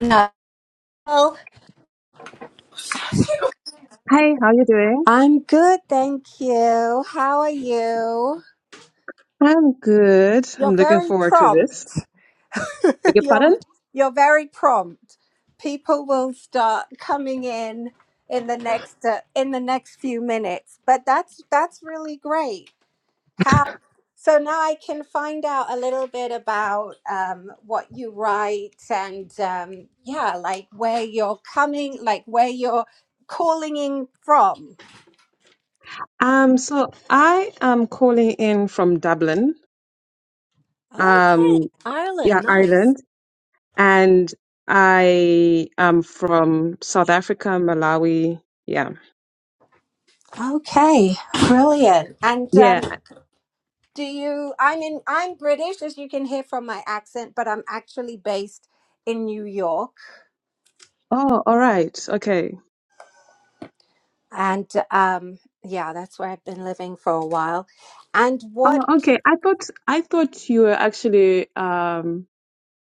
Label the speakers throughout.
Speaker 1: Hello.
Speaker 2: Hey, how you doing?
Speaker 1: I'm good, thank you. How are you?
Speaker 2: I'm good. I'm
Speaker 1: You're
Speaker 2: looking
Speaker 1: very
Speaker 2: forward to this.
Speaker 1: prompt.
Speaker 2: Beg your pardon?
Speaker 1: you're you're very prompt. People will start coming in in the next uh, in the next few minutes, but that's that's really great. How so now I can find out a little bit about um, what you write and um, yeah, like where you're coming, like where you're calling in from.
Speaker 2: Um, so I am calling in from Dublin,
Speaker 1: Okay,
Speaker 2: um, yeah,
Speaker 1: Ireland, nice.
Speaker 2: Ireland, and I am from South Africa, Malawi. Yeah.
Speaker 1: Okay, brilliant. And um,
Speaker 2: Yeah.
Speaker 1: do you? I'm in. I'm British, as you can hear from my accent, but I'm actually based in New York,
Speaker 2: Oh, all right. Okay.
Speaker 1: and um, yeah, that's where I've been living for a while. And what?
Speaker 2: Oh, okay. I thought I thought you were actually um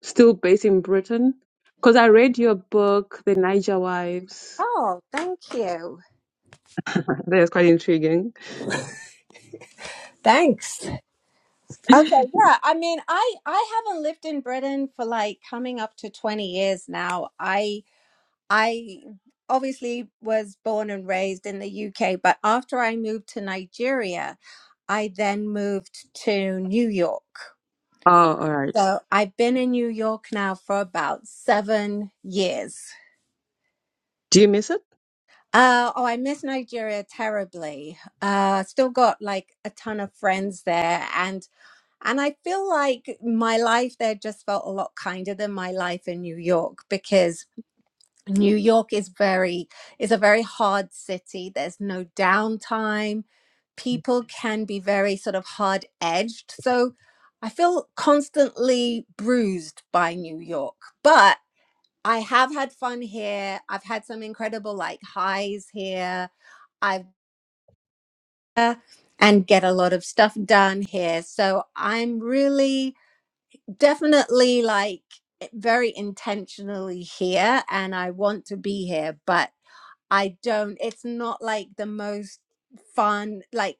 Speaker 2: still based in Britain because I read your book, The Niger Wives.
Speaker 1: Oh, thank you.
Speaker 2: That is quite intriguing.
Speaker 1: Thanks. Okay, yeah. I mean, I I haven't lived in Britain for like coming up to twenty years now. I. I obviously was born and raised in the UK, but after I moved to Nigeria, I then moved to New York.
Speaker 2: Oh, all right.
Speaker 1: So I've been in New York now for about seven years.
Speaker 2: Do you miss it?
Speaker 1: Uh, oh, I miss Nigeria terribly. Uh, still got like a ton of friends there, and and I feel like my life there just felt a lot kinder than my life in New York because New York is very is a very hard city. There's no downtime.
Speaker 2: Yes.
Speaker 1: People can be very sort of hard edged. So I feel constantly bruised by New York. But I have had fun here. I've had some incredible like highs here. I've uh, and get a lot of stuff done here. So I'm really definitely like very intentionally here and I want to be here, but I don't. It's not like the most fun, like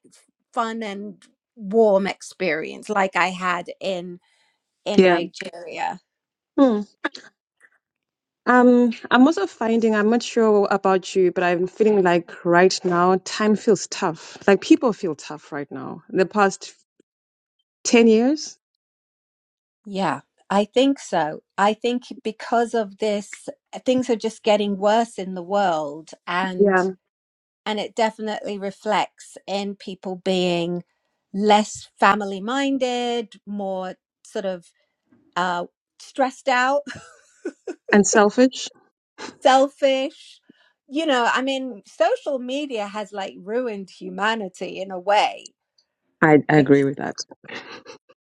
Speaker 1: fun and warm experience like I had in in
Speaker 2: Yeah.
Speaker 1: Nigeria.
Speaker 2: Hmm. Um, I'm also finding, I'm not sure about you, but I'm feeling like right now time feels tough. Like people feel tough right now. The past 10 years.
Speaker 1: Yeah, I think so. I think because of this, things are just getting worse in the world, and
Speaker 2: Yeah.
Speaker 1: and it definitely reflects in people being less family minded, more sort of uh, stressed out
Speaker 2: And selfish.
Speaker 1: selfish. You know, I mean, social media has like ruined humanity in a way.
Speaker 2: I, I
Speaker 1: Bec-
Speaker 2: agree with that.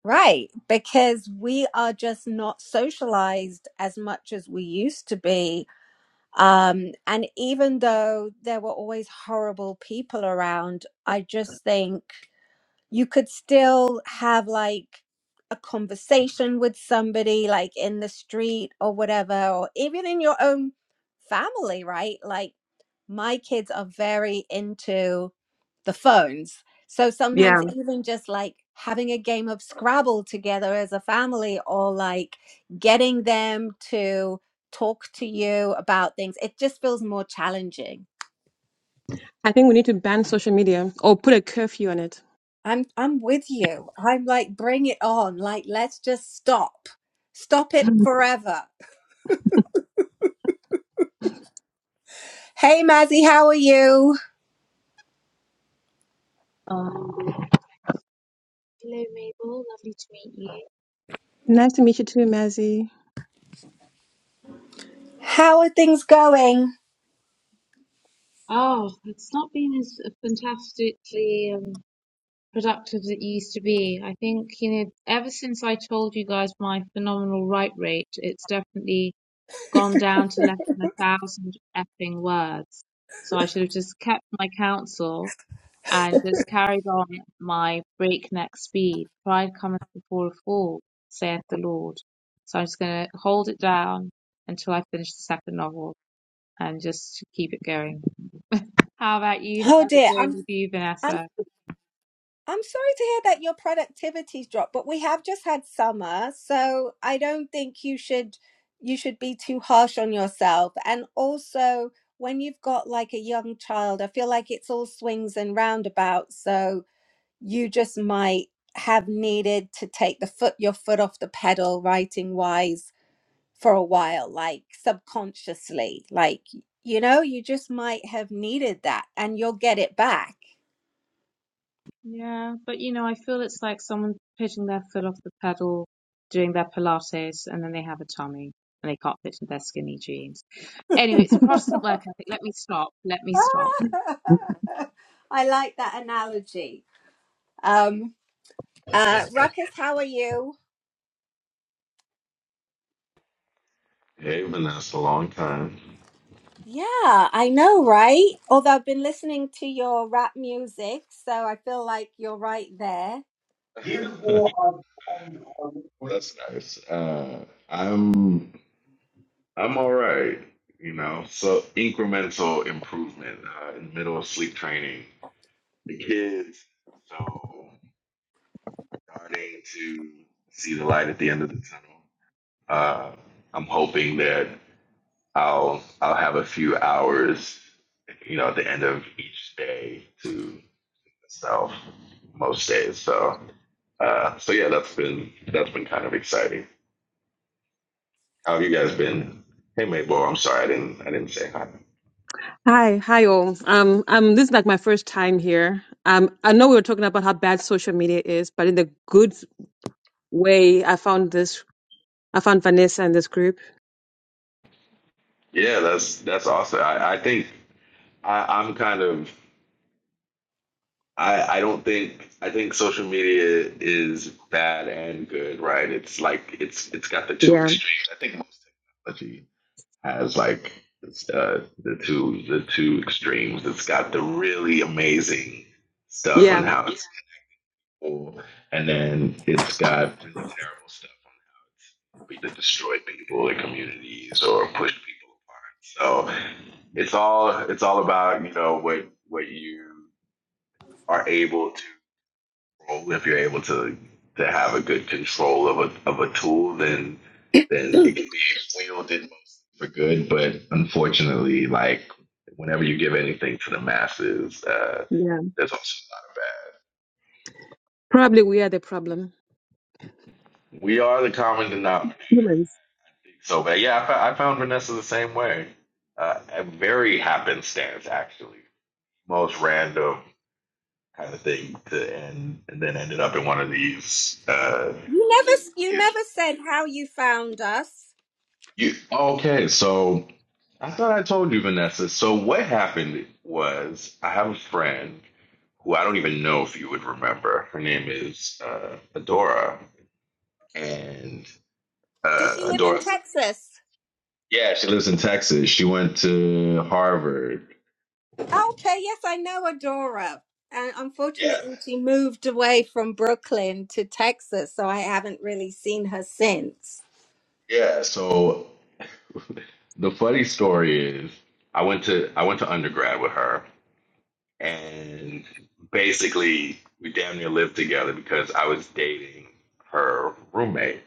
Speaker 1: Right, because we are just not socialized as much as we used to be. Um, and even though there were always horrible people around, I just think you could still have like a conversation with somebody like in the street or whatever or even in your own family right like my kids are very into the phones so sometimes
Speaker 2: Yeah.
Speaker 1: even just like having a game of scrabble together as a family or like getting them to talk to you about things it just feels more challenging
Speaker 2: I think we need to ban social media or put a curfew on it.
Speaker 1: I'm I'm with you. I'm like, bring it on. Like, let's just stop. Stop it forever. Hey Mazzy, how are you?
Speaker 3: Um, hello, Mabel. Lovely to meet you.
Speaker 2: Nice to meet you too, Mazzy.
Speaker 1: How are things going?
Speaker 3: Oh, it's not been as fantastically um, productive as it used to be. I think, you know, ever since I told you guys my phenomenal write rate, it's definitely gone down to less than a thousand effing words. So I should have just kept my counsel and just carried on at my breakneck speed. Pride cometh before a fall, saith the Lord. So I'm just going to hold it down until I finish the second novel. and just keep it going. How about you?
Speaker 1: Oh
Speaker 3: How's it
Speaker 1: dear,
Speaker 3: going
Speaker 1: I'm
Speaker 3: with you,
Speaker 1: I'm
Speaker 3: Vanessa?
Speaker 1: I'm sorry to hear that your productivity's dropped, but we have just had summer, so I don't think you should you should be too harsh on yourself. And also when you've got like a young child, I feel like it's all swings and roundabouts. So you just might have needed to take the foot your foot off the pedal writing wise for a while like subconsciously like you know you just might have needed that and you'll get it back
Speaker 3: Yeah, but you know, I feel it's like someone pitching their foot off the pedal, doing their Pilates, and then they have a tummy and they can't fit in their skinny jeans. Anyway, it's a Protestant work ethic. Let me stop. Let me stop.
Speaker 1: i like that analogy um uh ruckus how are you
Speaker 4: Hey, Vanessa, long time.
Speaker 1: yeah i know right although i've been listening to your rap music so i feel like you're right there
Speaker 4: That's nice. Uh, I'm I'm all right, you know. So incremental improvement uh, in the middle of sleep training. The kids, so starting to see the light at the end of the tunnel. Uh, I'm hoping that I'll I'll have a few hours, you know, at the end of each day to So most days. So uh, so yeah, that's been that's been kind of exciting. How have you guys been? Hey Mabel, I'm sorry I didn't I didn't say hi.
Speaker 2: Hi, hi all. Um, um, this is like my first time here. Um, I know we were talking about how bad social media is, but in the good way, I found this. I found Vanessa in this group.
Speaker 4: Yeah, that's that's awesome. I, I think I, I'm kind of I, I don't think I think social media is bad and good, right? It's like it's it's got the two
Speaker 2: Yeah,
Speaker 4: extremes. I think most technology has like it's, uh, the two the two extremes. It's got the really amazing stuff on
Speaker 2: yeah,
Speaker 4: how people, and then it's got really terrible stuff on how it's either destroyed people and communities or pushed people apart. So it's all it's all about you know what what you are able to control. If you're able to to have a good control of a of a tool, then then it can be wielded for good. But unfortunately, like whenever you give anything to the masses, uh,
Speaker 2: yeah.
Speaker 4: there's also a lot of bad.
Speaker 2: Probably we are the problem.
Speaker 4: We are the common denominator
Speaker 2: Humans.
Speaker 4: So, but yeah, I, I found Vanessa the same way. Uh, a very happenstance, actually. Most random kind of thing to end, and then ended up in one of these. Uh,
Speaker 1: you never you
Speaker 4: these-
Speaker 1: never said how you found us
Speaker 4: you, okay, so I thought I told you, Vanessa. So what happened was I have a friend who I don't even know if you would remember. Her name is uh, Adora, and
Speaker 1: Does she
Speaker 4: uh,
Speaker 1: live in
Speaker 4: Adora.
Speaker 1: Texas?
Speaker 4: Yeah, she lives in Texas. She went to Harvard.
Speaker 1: Okay, yes, I know Adora. And
Speaker 4: Yeah.
Speaker 1: unfortunately, she moved away from Brooklyn to Texas, so I haven't really seen her since.
Speaker 4: Yeah. So the funny story is, I went to I went to undergrad with her, and basically we damn near lived together because I was dating her roommate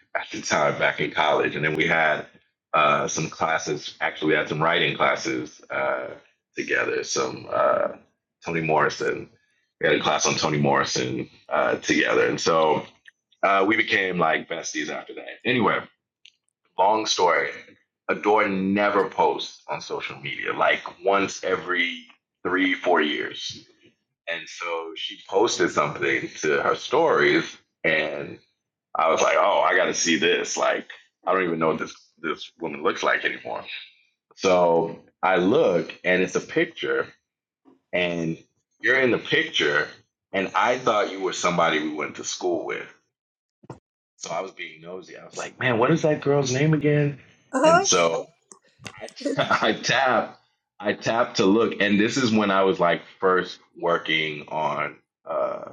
Speaker 4: at the time back in college, and then we had uh, some classes. Actually, we had some writing classes uh, together. Some uh, Toni Morrison. We had a class on Toni Morrison uh, together, and so uh, we became like besties after that. Anyway Long story. Adore never posts on social media, like once every three, four years. And so she posted something to her stories, and I was like, oh, I got to see this. Like, I don't even know what this, this woman looks like anymore. So I look, and it's a picture, and you're in the picture, and I thought you were somebody we went to school with. So I was being nosy. I was like, man, what is that girl's name again? And
Speaker 1: Oh,
Speaker 4: so I, I tap, I tap to look, and this is when I was like first working on uh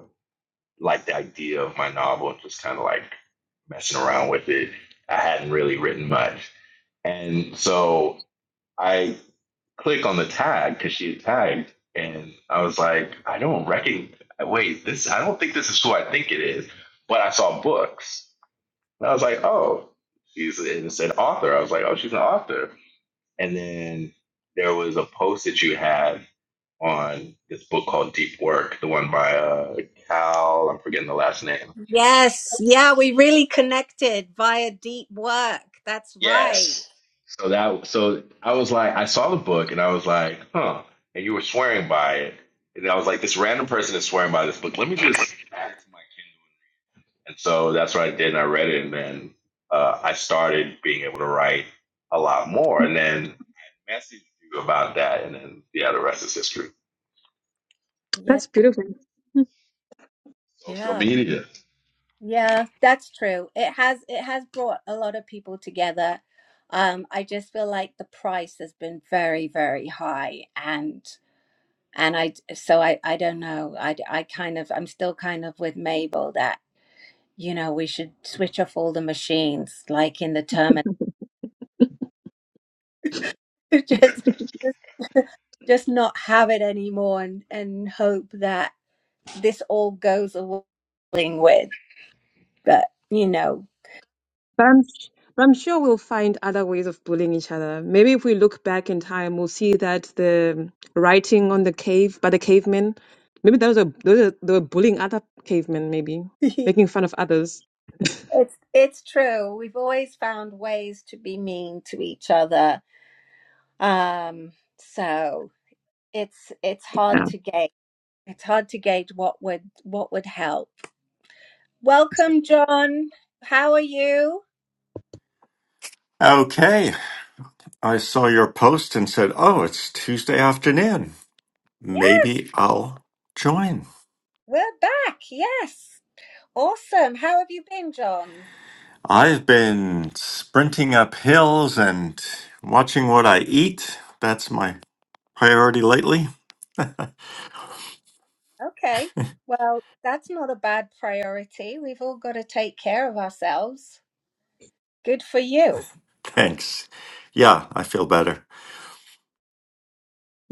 Speaker 4: like the idea of my novel, just kind of like messing around with it. I hadn't really written much, and so I click on the tag because she had tagged, and I was like, I don't recognize. Wait, this I don't think this is who I think it is, but I saw books, and I was like, oh, she's and it said author. I was like, oh, she's an author. And then there was a post that you had on this book called Deep Work, the one by uh, Cal. I'm forgetting the last name.
Speaker 1: yes, yeah, we really connected via deep work. That's right.
Speaker 4: Yes. So that so I was like, I saw the book and I was like, huh. And you were swearing by it, and I was like, this random person is swearing by this book. Let me just add it to my Kindle. And so that's what I did, and I read it, and then uh, I started being able to write a lot more. And then I messaged you about that, and then yeah, the rest is history.
Speaker 1: Yes,
Speaker 2: That's beautiful.
Speaker 4: Social
Speaker 1: yeah,
Speaker 4: media.
Speaker 1: yeah, that's true. It has it has brought a lot of people together. Um, I just feel like the price has been very, very high, and and i so i i don't know i i kind of i'm still kind of with mabel that you know we should switch off all the machines like in the terminal just just just not have it anymore and and hope that this all goes away with but you know
Speaker 2: But I'm, but I'm sure we'll find other ways of bullying each other. Maybe if we look back in time, we'll see that the writing on the cave by the cavemen, maybe those are those are, they were bullying other cavemen, maybe
Speaker 1: it's
Speaker 2: making fun of others.
Speaker 1: it's true we've always found ways to be mean to each other um so it's it's hard
Speaker 2: Yeah.
Speaker 1: to gauge it's hard to gauge what would what would help Welcome, John. How are you?
Speaker 5: Okay, I saw your post and said, oh, it's Tuesday afternoon.
Speaker 1: Yeah,
Speaker 5: Maybe I'll join.
Speaker 1: we're back. Yes. Awesome. How have you been, John?
Speaker 5: I've been sprinting up hills and watching what I eat. That's my priority lately.
Speaker 1: Okay. Well, that's not a bad priority. We've all got to take care of ourselves. Good for you.
Speaker 5: Thanks. Yeah, I feel better.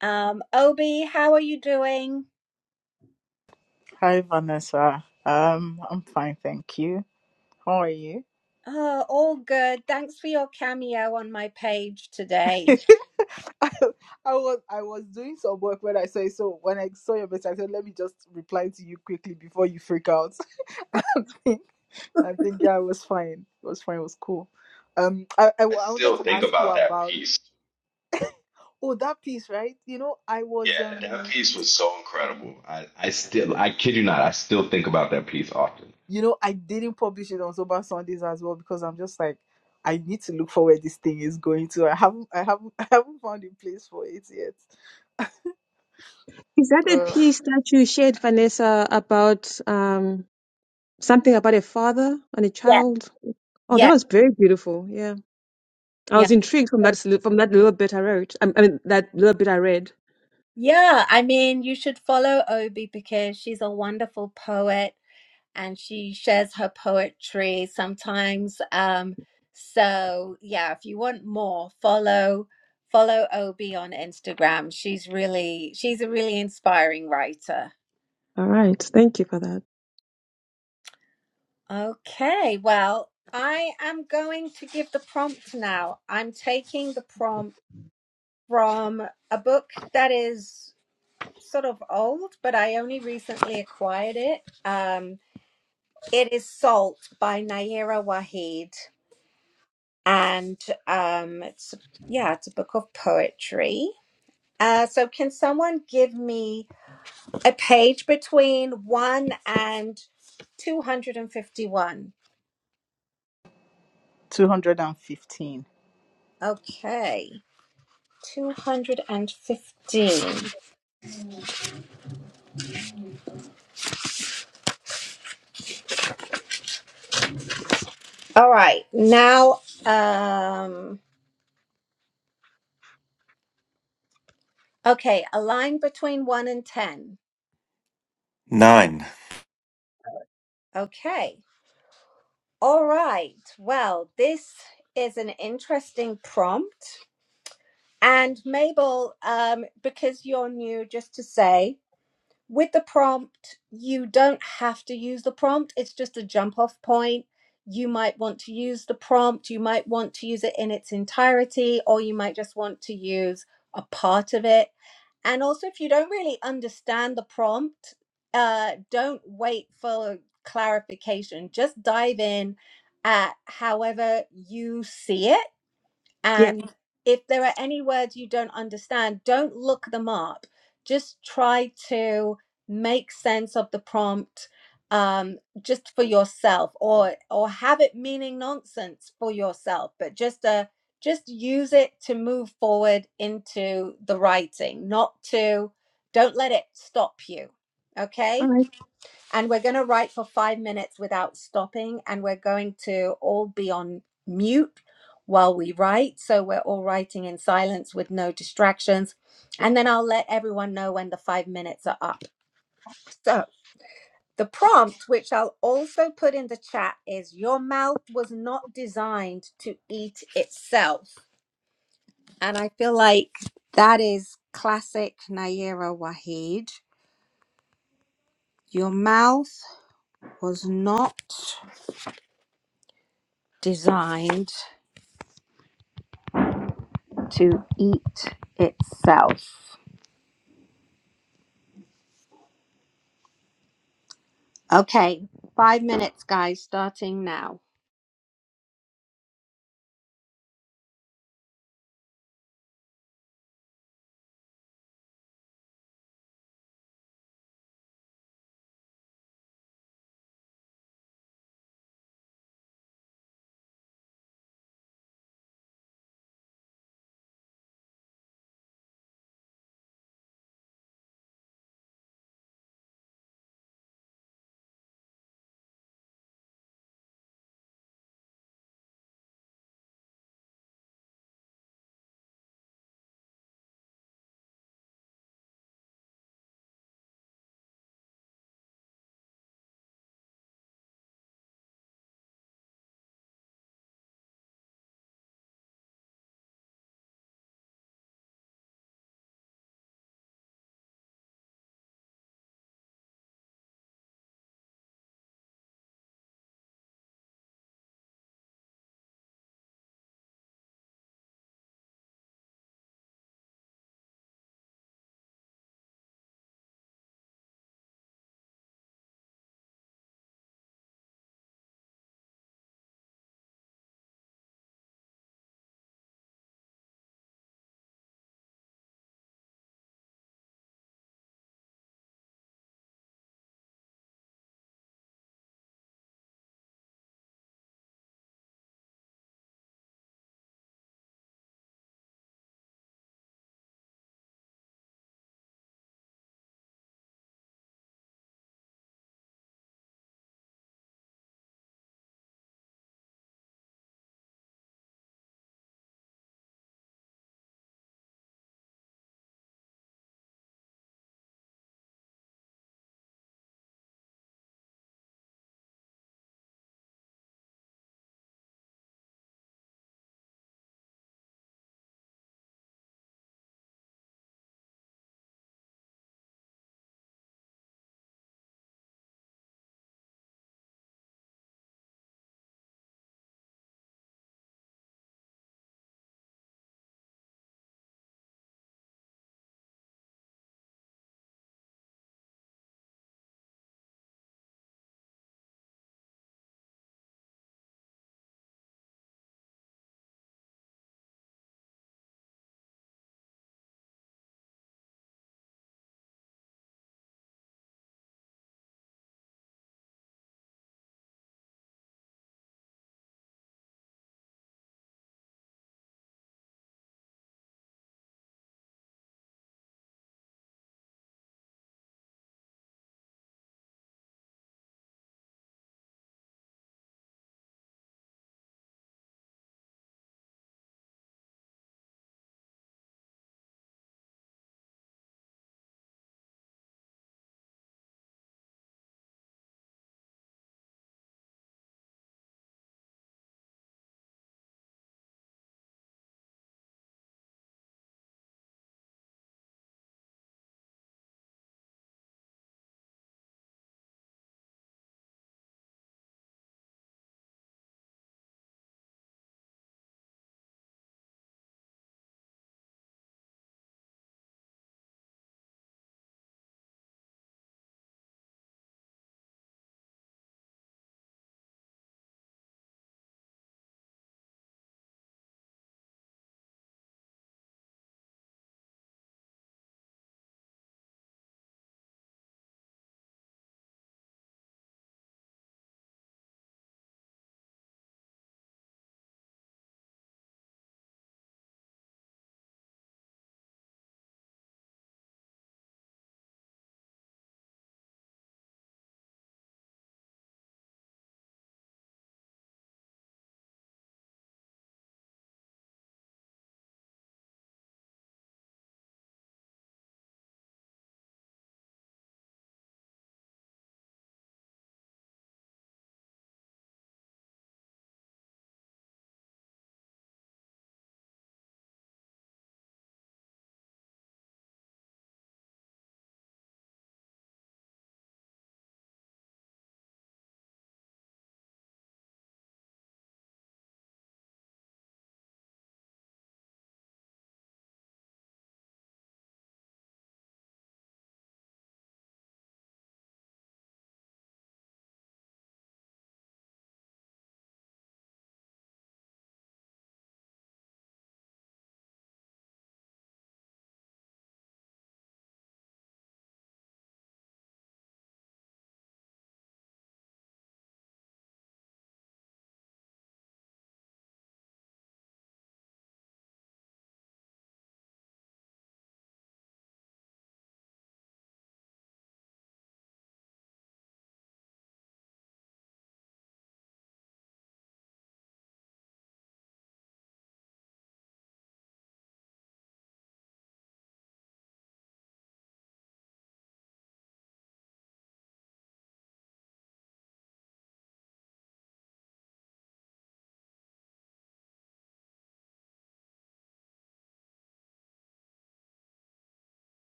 Speaker 1: Um, Obi, how are you doing?
Speaker 6: Hi, Vanessa. Um, I'm fine, thank you. How are you?
Speaker 1: Oh, all good. Thanks for your cameo on my page today.
Speaker 6: I, I was I was doing some work when I saw it, so when I saw your message, I said, "Let me just reply to you quickly before you freak out." I think I think yeah, it was fine. It was fine. It was cool. Um, I, I
Speaker 4: I
Speaker 6: wa- I wanted
Speaker 4: still
Speaker 6: to
Speaker 4: think
Speaker 6: ask you
Speaker 4: about that
Speaker 6: about
Speaker 4: piece.
Speaker 6: oh that piece, right? You know, I was
Speaker 4: Yeah, that
Speaker 6: um,
Speaker 4: piece was so incredible. I, I still, I kid you not, I still think about that piece often.
Speaker 6: you know, I didn't publish it on Sober Sundays as well because I'm just like I need to look for where this thing is going to. I haven't I haven't I haven't found a place for it yet.
Speaker 2: Is that a
Speaker 6: Uh,
Speaker 2: piece that you shared, Vanessa, about um, something about a father and a
Speaker 1: Yeah,
Speaker 2: child? Oh, that
Speaker 1: yeah,
Speaker 2: was very beautiful. Yeah, I
Speaker 1: yeah.
Speaker 2: was intrigued from
Speaker 1: So,
Speaker 2: that s- from that little bit I wrote. I I mean, that little bit I read.
Speaker 1: yeah, I mean, you should follow Obi because she's a wonderful poet. and she shares her poetry sometimes. Um, so yeah, if you want more, follow follow Obi on Instagram. She's really she's a really inspiring writer.
Speaker 2: All right. Thank you for that.
Speaker 1: Okay, well, I am going to give the prompt now. I'm taking the prompt from a book that is sort of old, but I only recently acquired it. Um, it is Salt by Naira Wahid. and um, it's yeah, it's a book of poetry. Uh, so, can someone give me a page between one and two hundred and fifty-one?
Speaker 6: 215.
Speaker 1: Okay, two hundred and fifteen. All right, now, um, okay, a line between one and ten.
Speaker 5: Nine.
Speaker 1: Okay, all right. Well, this is an interesting prompt And Mabel, um, because you're new, just to say, with the prompt, you don't have to use the prompt. It's just a jump off point. You might want to use the prompt. You might want to use it in its entirety, or you might just want to use a part of it. And also, if you don't really understand the prompt, uh, don't wait for clarification. Just dive in at however you see it
Speaker 2: Yeah.
Speaker 1: and if there are any words you don't understand, don't look them up. Just try to make sense of the prompt um, just for yourself or or have it meaning nonsense for yourself, but just uh, just use it to move forward into the writing, not to don't let it stop you.
Speaker 2: All
Speaker 1: Okay?
Speaker 2: right.
Speaker 1: and we're going to write for five minutes without stopping and we're going to all be on mute while we write so we're all writing in silence with no distractions and then i'll let everyone know when the five minutes are up so the prompt which i'll also put in the chat is your mouth was not designed to eat itself and i feel like that is classic naira waheed your mouth was not designed to eat itself. Okay, five minutes, guys, starting now.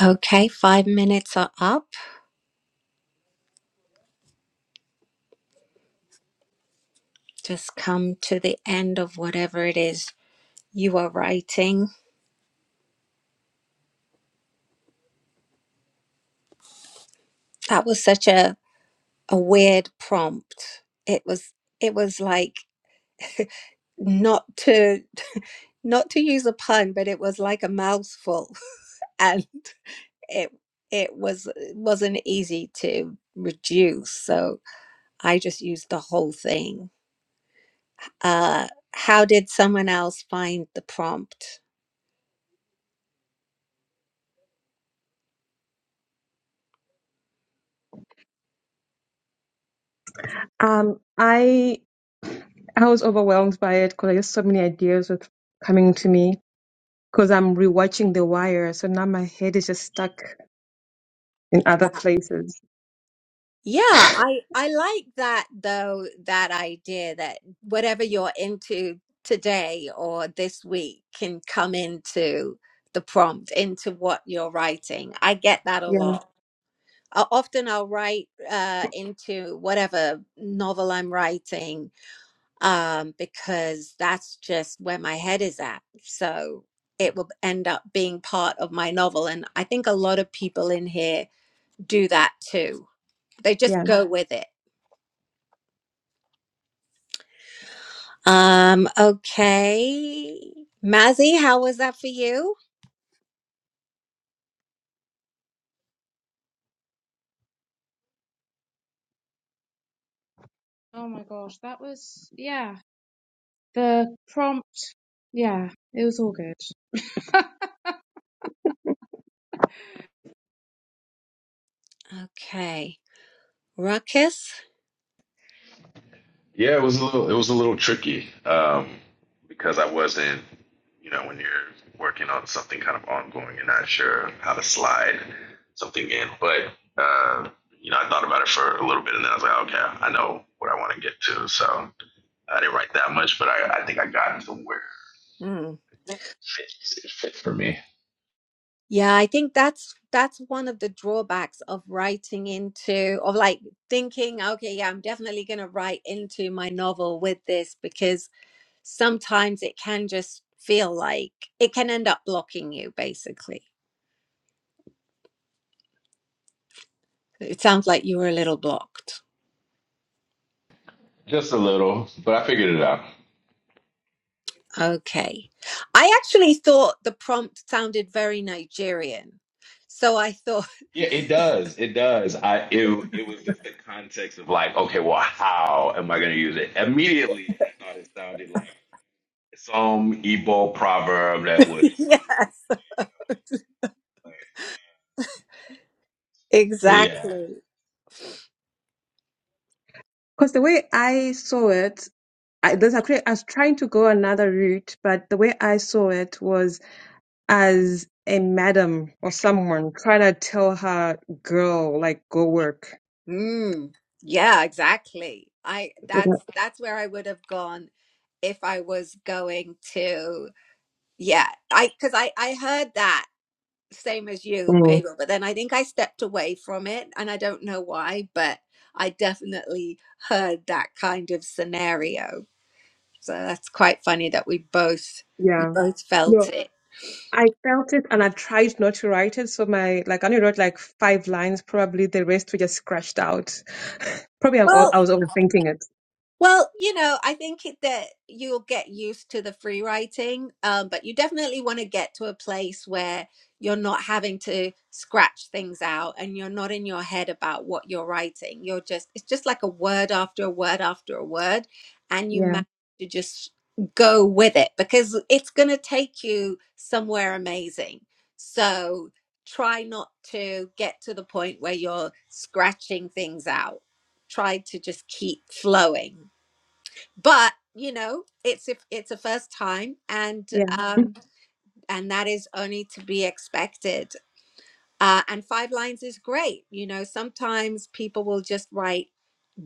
Speaker 1: Okay, five minutes are up. Just come to the end of whatever it is you are writing. That was such a, a weird prompt. It was it was like not to not to use a pun, but it was like a mouthful. and it it was wasn't easy to reduce so i just used the whole thing uh how did someone else find the prompt
Speaker 2: Um, I I was overwhelmed by it because I just so many ideas were coming to me because I'm rewatching The Wire, so now my head is just stuck in other places.
Speaker 1: yeah i i like that though that idea that whatever you're into today or this week can come into the prompt into what you're writing i get that a
Speaker 2: Yeah.
Speaker 1: lot I, often i'll write uh into whatever novel i'm writing um, because that's just where my head is at. So it will end up being part of my novel. And I think a lot of people in here do that too. They
Speaker 2: Yeah.
Speaker 1: just go with it. Um, okay. Mazzy, how was that for you?
Speaker 3: Oh my gosh, that was, yeah, the prompt. Yeah, it was all good.
Speaker 1: Okay. Ruckus?
Speaker 4: Yeah, it was a little it was a little tricky um, because I wasn't, you know, when you're working on something kind of ongoing, you're not sure how to slide something in. But uh, you know, I thought about it for a little bit, and then I was like, okay, I know what I want to get to. So I didn't write that much, but I, I think I got to where
Speaker 1: Hmm.
Speaker 4: it fits, it fits for me
Speaker 1: Yeah, I think that's that's one of the drawbacks of writing into of like thinking, okay, yeah, I'm definitely gonna write into my novel with this because sometimes it can just feel like it can end up blocking you, basically. It sounds like you were a little blocked.
Speaker 4: Just a little, but I figured it out.
Speaker 1: Okay. I actually thought the prompt sounded very Nigerian. So I thought,
Speaker 4: Yeah, it does. It does. I it it was just the context of like, okay, well, how am I gonna use it? Immediately, I thought it sounded like some Igbo proverb that was.
Speaker 1: yes,
Speaker 4: But yeah,
Speaker 1: exactly.
Speaker 2: Because the way I saw it, I, there's actually, I was trying to go another route, but the way I saw it was as a madam or someone try to tell her girl like go work.
Speaker 1: Mm, yeah, exactly. I that's that's where I would have gone if I was going to. Yeah, I because I I heard that same as you,
Speaker 2: Mm,
Speaker 1: Mabel. But then I think I stepped away from it, and I don't know why, but I definitely heard that kind of scenario. So that's quite funny that we both
Speaker 2: yeah.
Speaker 1: both felt
Speaker 2: No,
Speaker 1: it.
Speaker 2: I felt it and I tried not to write it. So my like I only wrote like five lines probably. The rest were just scratched out. probably I'm, al-
Speaker 1: Well,
Speaker 2: I was overthinking it.
Speaker 1: Well, you know, I think it- that you'll get used to the free writing, um, but you definitely want to get to a place where you're not having to scratch things out and you're not in your head about what you're writing. You're just, it's just like a word after a word after a word, and you
Speaker 2: Yeah.
Speaker 1: manage to just go with it because it's going to take you somewhere amazing. So try not to get to the point where you're scratching things out. Try to just keep flowing but you know it's if it's a first time and
Speaker 2: Yeah.
Speaker 1: um and that is only to be expected uh, and five lines is great you know sometimes people will just write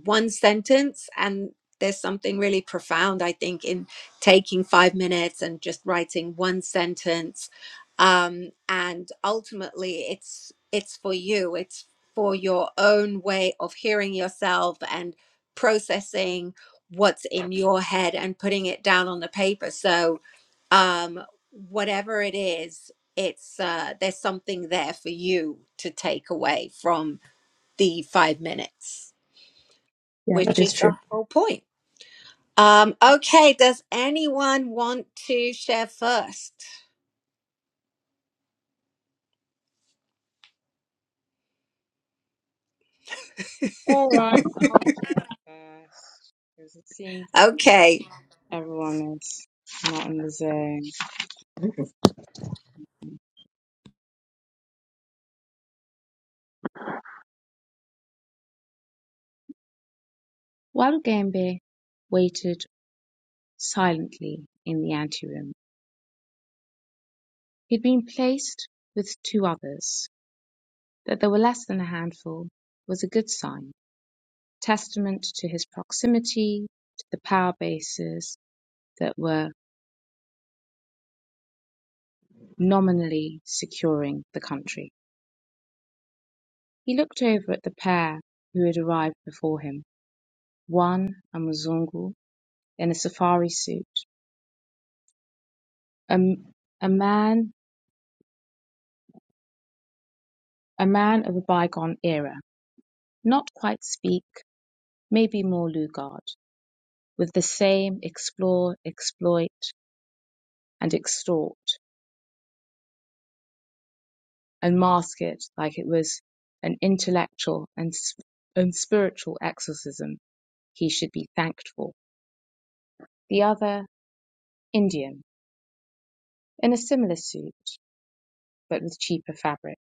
Speaker 1: one sentence and there's something really profound i think in taking five minutes and just writing one sentence um, and ultimately it's it's for you it's for your own way of hearing yourself and processing what's in your head and putting it down on the paper so um, whatever it is it's uh, there's something there for you to take away from the five minutes,
Speaker 2: Yeah. That
Speaker 1: which
Speaker 2: is
Speaker 1: is the
Speaker 2: true.
Speaker 1: whole point. Um, okay, does anyone want to share first?
Speaker 3: All right, I'll share first because it seems like
Speaker 1: Okay.
Speaker 3: everyone is not in the zone. Walugembe waited silently in the anteroom. He had been placed with two others. That there were less than a handful was a good sign, testament to his proximity to the power bases that were nominally securing the country. He looked over at the pair who had arrived before him. One, a Mzungu in a safari suit, a, a man a man of a bygone era, not quite speak, maybe more Lugard, with the same explore, exploit, and extort, and mask it like it was an intellectual and, sp- and spiritual exorcism he should be thanked for. The other, Indian, in a similar suit, but with cheaper fabric.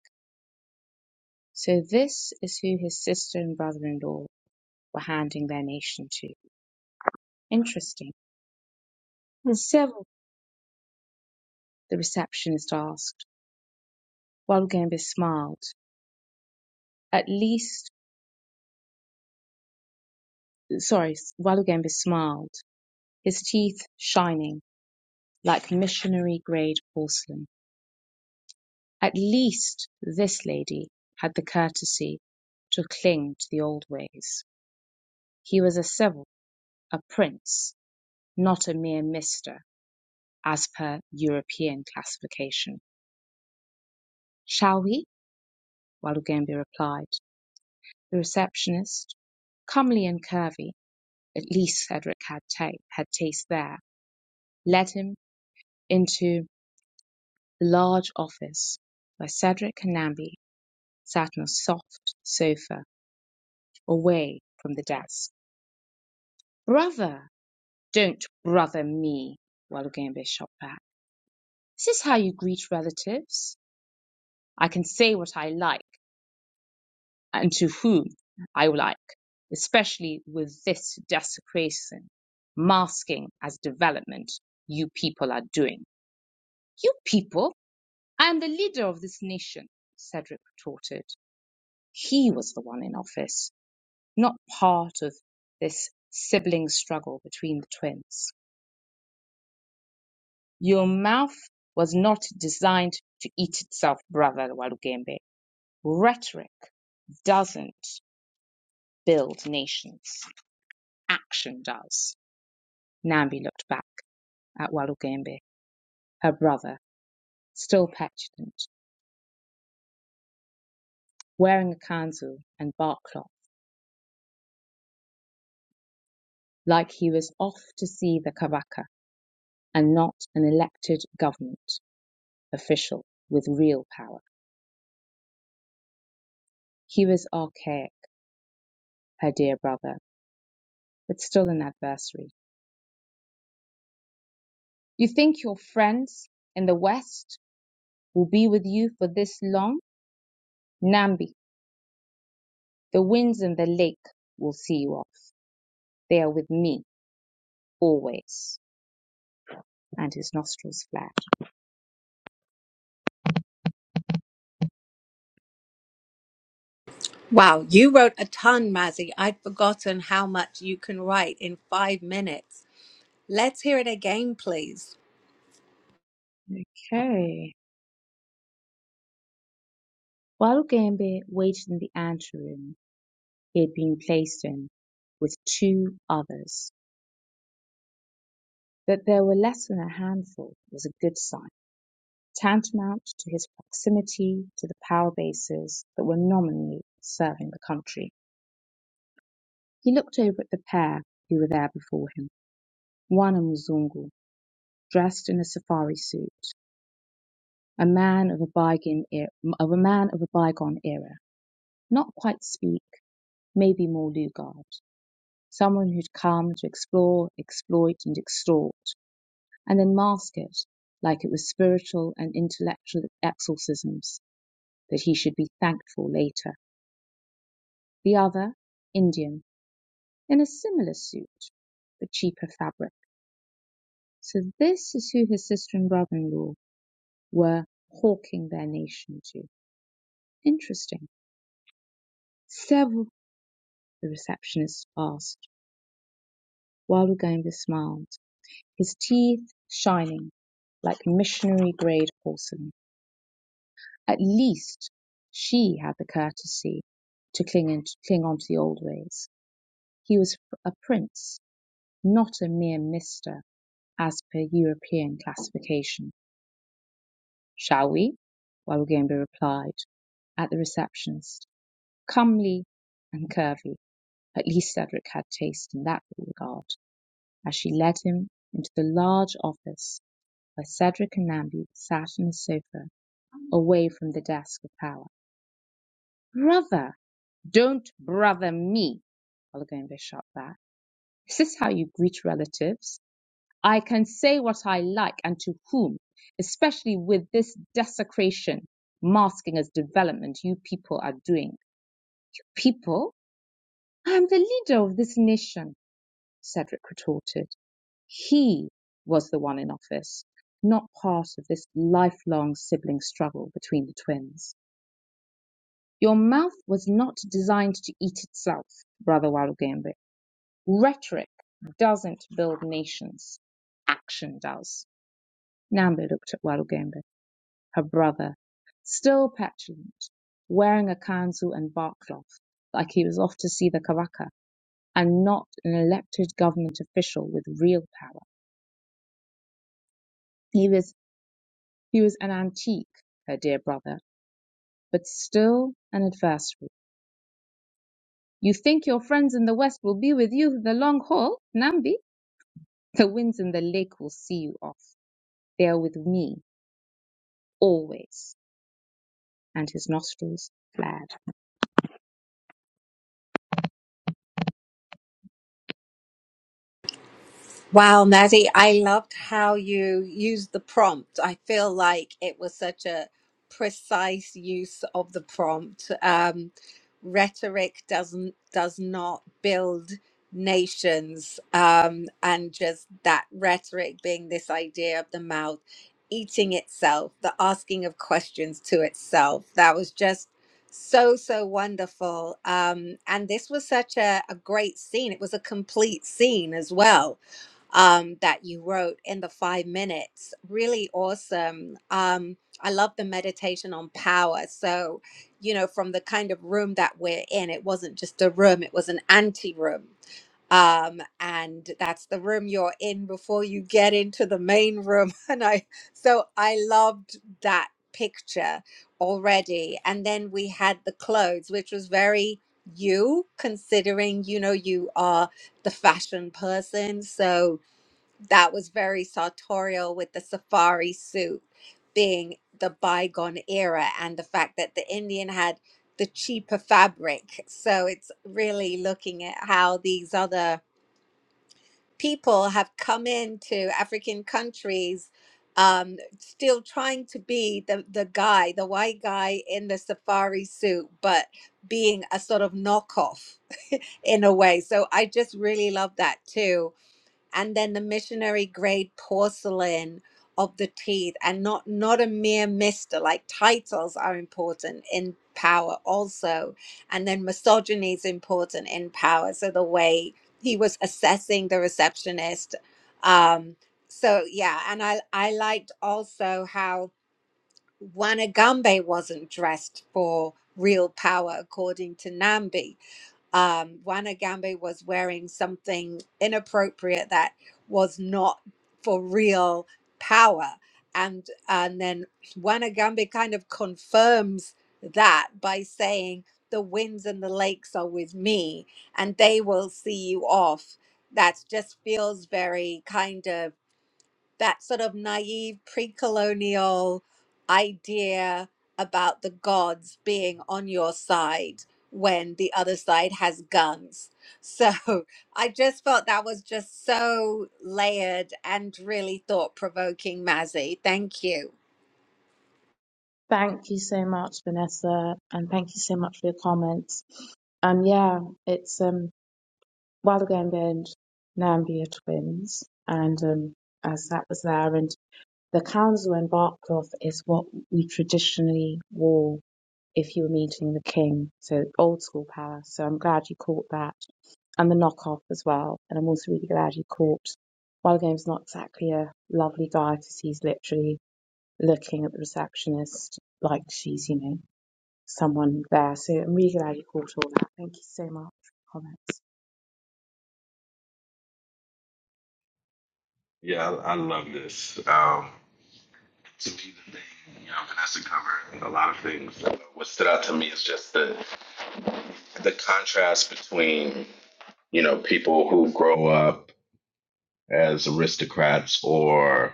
Speaker 3: So this is who his sister and brother-in-law were handing their nation to. Interesting. Several, the receptionist asked, while Gambis smiled. At least sorry, Walugembe smiled, his teeth shining like missionary grade porcelain. At least this lady had the courtesy to cling to the old ways. He was a civil, a prince, not a mere mister, as per European classification. Shall we? Walugembe replied. The receptionist, comely and curvy, at least Cedric had, ta- had taste there, led him into large office, where Cedric Canambi sat on a soft sofa away from the desk. Brother! Don't brother me, Walugembe shot back. Is this how you greet relatives? I can say what I like and to whom I like, especially with this desecration, masking as development you people are doing. You people? I am the leader of this nation, Cedric retorted. He was the one in office not part of this sibling struggle between the twins. Your mouth was not designed to eat itself, brother Walugembe. Rhetoric doesn't build nations. Action does. Nambi looked back at Walugembe, her brother, still petulant, wearing a kanzu and bark cloth, like he was off to see the Kabaka and not an elected government official with real power. He was archaic her dear brother, but still an adversary. You think your friends in the West will be with you for this long? Nambi, the winds and the lake will see you off. They are with me always. And his nostrils flared.
Speaker 1: Wow, you wrote a ton, Mazzy. I'd forgotten how much you can write in five minutes. Let's hear it again, please.
Speaker 3: Okay. While Ugembe waited in the anteroom he had been placed in with two others, that there were less than a handful was a good sign. tantamount to his proximity to the power bases that were nominally serving the country. He looked over at the pair who were there before him. One a Mzungu, dressed in a safari suit, a man of a bygone era, of a man of a bygone era, not quite Speak, maybe more Lugard, someone who'd come to explore, exploit, and extort, and then mask it like it was spiritual and intellectual exorcisms that he should be thankful later The other, Indian, in a similar suit, but cheaper fabric. So this is who his sister and brother-in-law were hawking their nation to. Interesting. Several. The receptionist asked while Ruganga smiled, his teeth shining like missionary-grade porcelain. At least she had the courtesy to cling, in, cling on to the old ways. He was a prince, not a mere mister as per European classification. Shall we? Warugembe replied at the receptionist, comely and curvy. At least Cedric had taste in that regard, as she led him into the large office where Cedric and Nambi sat on a sofa away from the desk of power. Brother! Don't brother me! Olagunbe shot back. Is this how you greet relatives? I can say what I like and to whom, especially with this desecration masking as development you people are doing. People, I am the leader of this nation, Cedric retorted. He was the one in office, not part of this lifelong sibling struggle between the twins. Your mouth was not designed to eat itself, Brother Walugembe. Rhetoric doesn't build nations. Action does. Nambe looked at Walugembe. her brother, still petulant, wearing a kanzu and bark cloth, like he was off to see the Kavaka and not an elected government official with real power. He was, he was an antique, her dear brother, but still an adversary. You think your friends in the West will be with you for the long haul, Nambi? The winds in the lake will see you off. They are with me, always. And his nostrils flared.
Speaker 1: Wow, Maddie, I loved how you used the prompt. I feel like it was such a precise use of the prompt. Um, rhetoric doesn't does not build nations, um, and just that rhetoric being this idea of the mouth eating itself, the asking of questions to itself. That was just so so wonderful um and this was such a, a great scene it was a complete scene as well um, that you wrote in the five minutes. Really awesome. Um, I love the meditation on power. So, you know, from the kind of room that we're in, it wasn't just a room, it was an anti room. Um, and that's the room you're in before you get into the main room. And I, so I loved that picture already. And then we had the clothes, which was very you, considering, you know, you are the fashion person. So, that was very sartorial with the safari suit being the bygone era and the fact that the Indian had the cheaper fabric. So it's really looking at how these other people have come into African countries. Um, still trying to be the, the guy, the white guy in the safari suit, but being a sort of knockoff in a way. So I just really love that too and then the missionary grade porcelain of the teeth and not not a mere mister like titles are important in power also and then misogyny is important in power so the way he was assessing the receptionist um so yeah and i i liked also how wanagambe wasn't dressed for real power according to nambi um, Juan Agambe was wearing something inappropriate that was not for real power. And and then Wana Agambe kind of confirms that by saying, The winds and the lakes are with me, and they will see you off. That just feels very kind of that sort of naive pre-colonial idea about the gods being on your side when the other side has guns. So I just felt that was just so layered and really thought provoking, Mazzy. Thank you.
Speaker 3: Thank you so much, Vanessa, and thank you so much for your comments. Um, yeah, it's um, a while ago I'm going Nambia twins, and um, as that was there, and the council in Barcloth is what we traditionally wore if you were meeting the king, so old school power. So I'm glad you caught that, and the knockoff as well. And I'm also really glad you caught. While Game's not exactly a lovely guy because he's literally looking at the receptionist like she's, you know someone there. So I'm really glad you caught all that. Thank you so much for your comments.
Speaker 4: yeah, I, I love this. Um, to me, the thing, you know, Vanessa covered a lot of things. What stood out to me is just the the contrast between you know people who grow up as aristocrats or.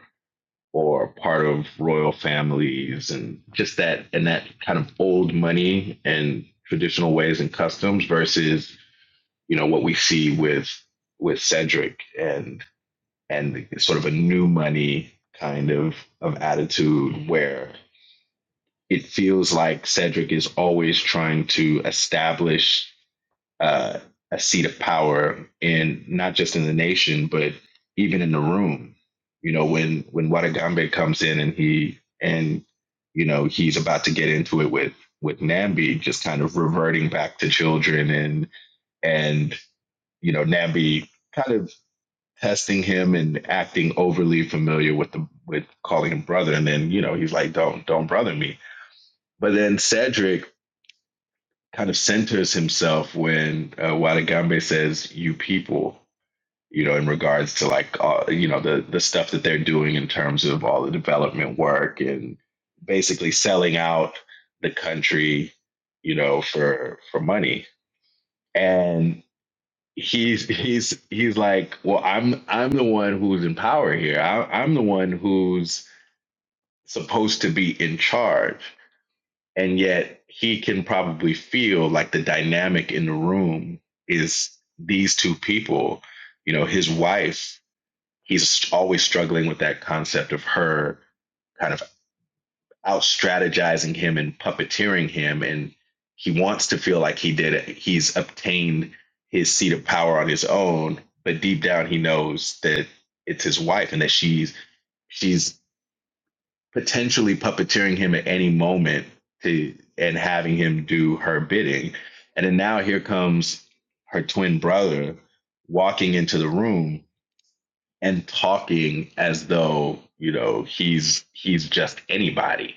Speaker 4: or part of royal families and just that and that kind of old money and traditional ways and customs versus you know what we see with with Cedric and and sort of a new money kind of of attitude where it feels like Cedric is always trying to establish uh, a seat of power in not just in the nation, but even in the room. You know, when when Wadagambe comes in and he and you know he's about to get into it with with Nambi, just kind of reverting back to children and and you know Nambi kind of testing him and acting overly familiar with the with calling him brother, and then you know he's like, don't don't brother me. But then Cedric kind of centers himself when uh, Wadagambe says "you people," you know, in regards to like all, you know the the stuff that they're doing in terms of all the development work and basically selling out the country, you know, for for money. And he's he's he's like, well, I'm I'm the one who's in power here. I, I'm the one who's supposed to be in charge and yet he can probably feel like the dynamic in the room is these two people you know his wife he's always struggling with that concept of her kind of out strategizing him and puppeteering him and he wants to feel like he did it he's obtained his seat of power on his own but deep down he knows that it's his wife and that she's she's potentially puppeteering him at any moment to and having him do her bidding. And then now here comes her twin brother walking into the room and talking as though, you know, he's he's just anybody.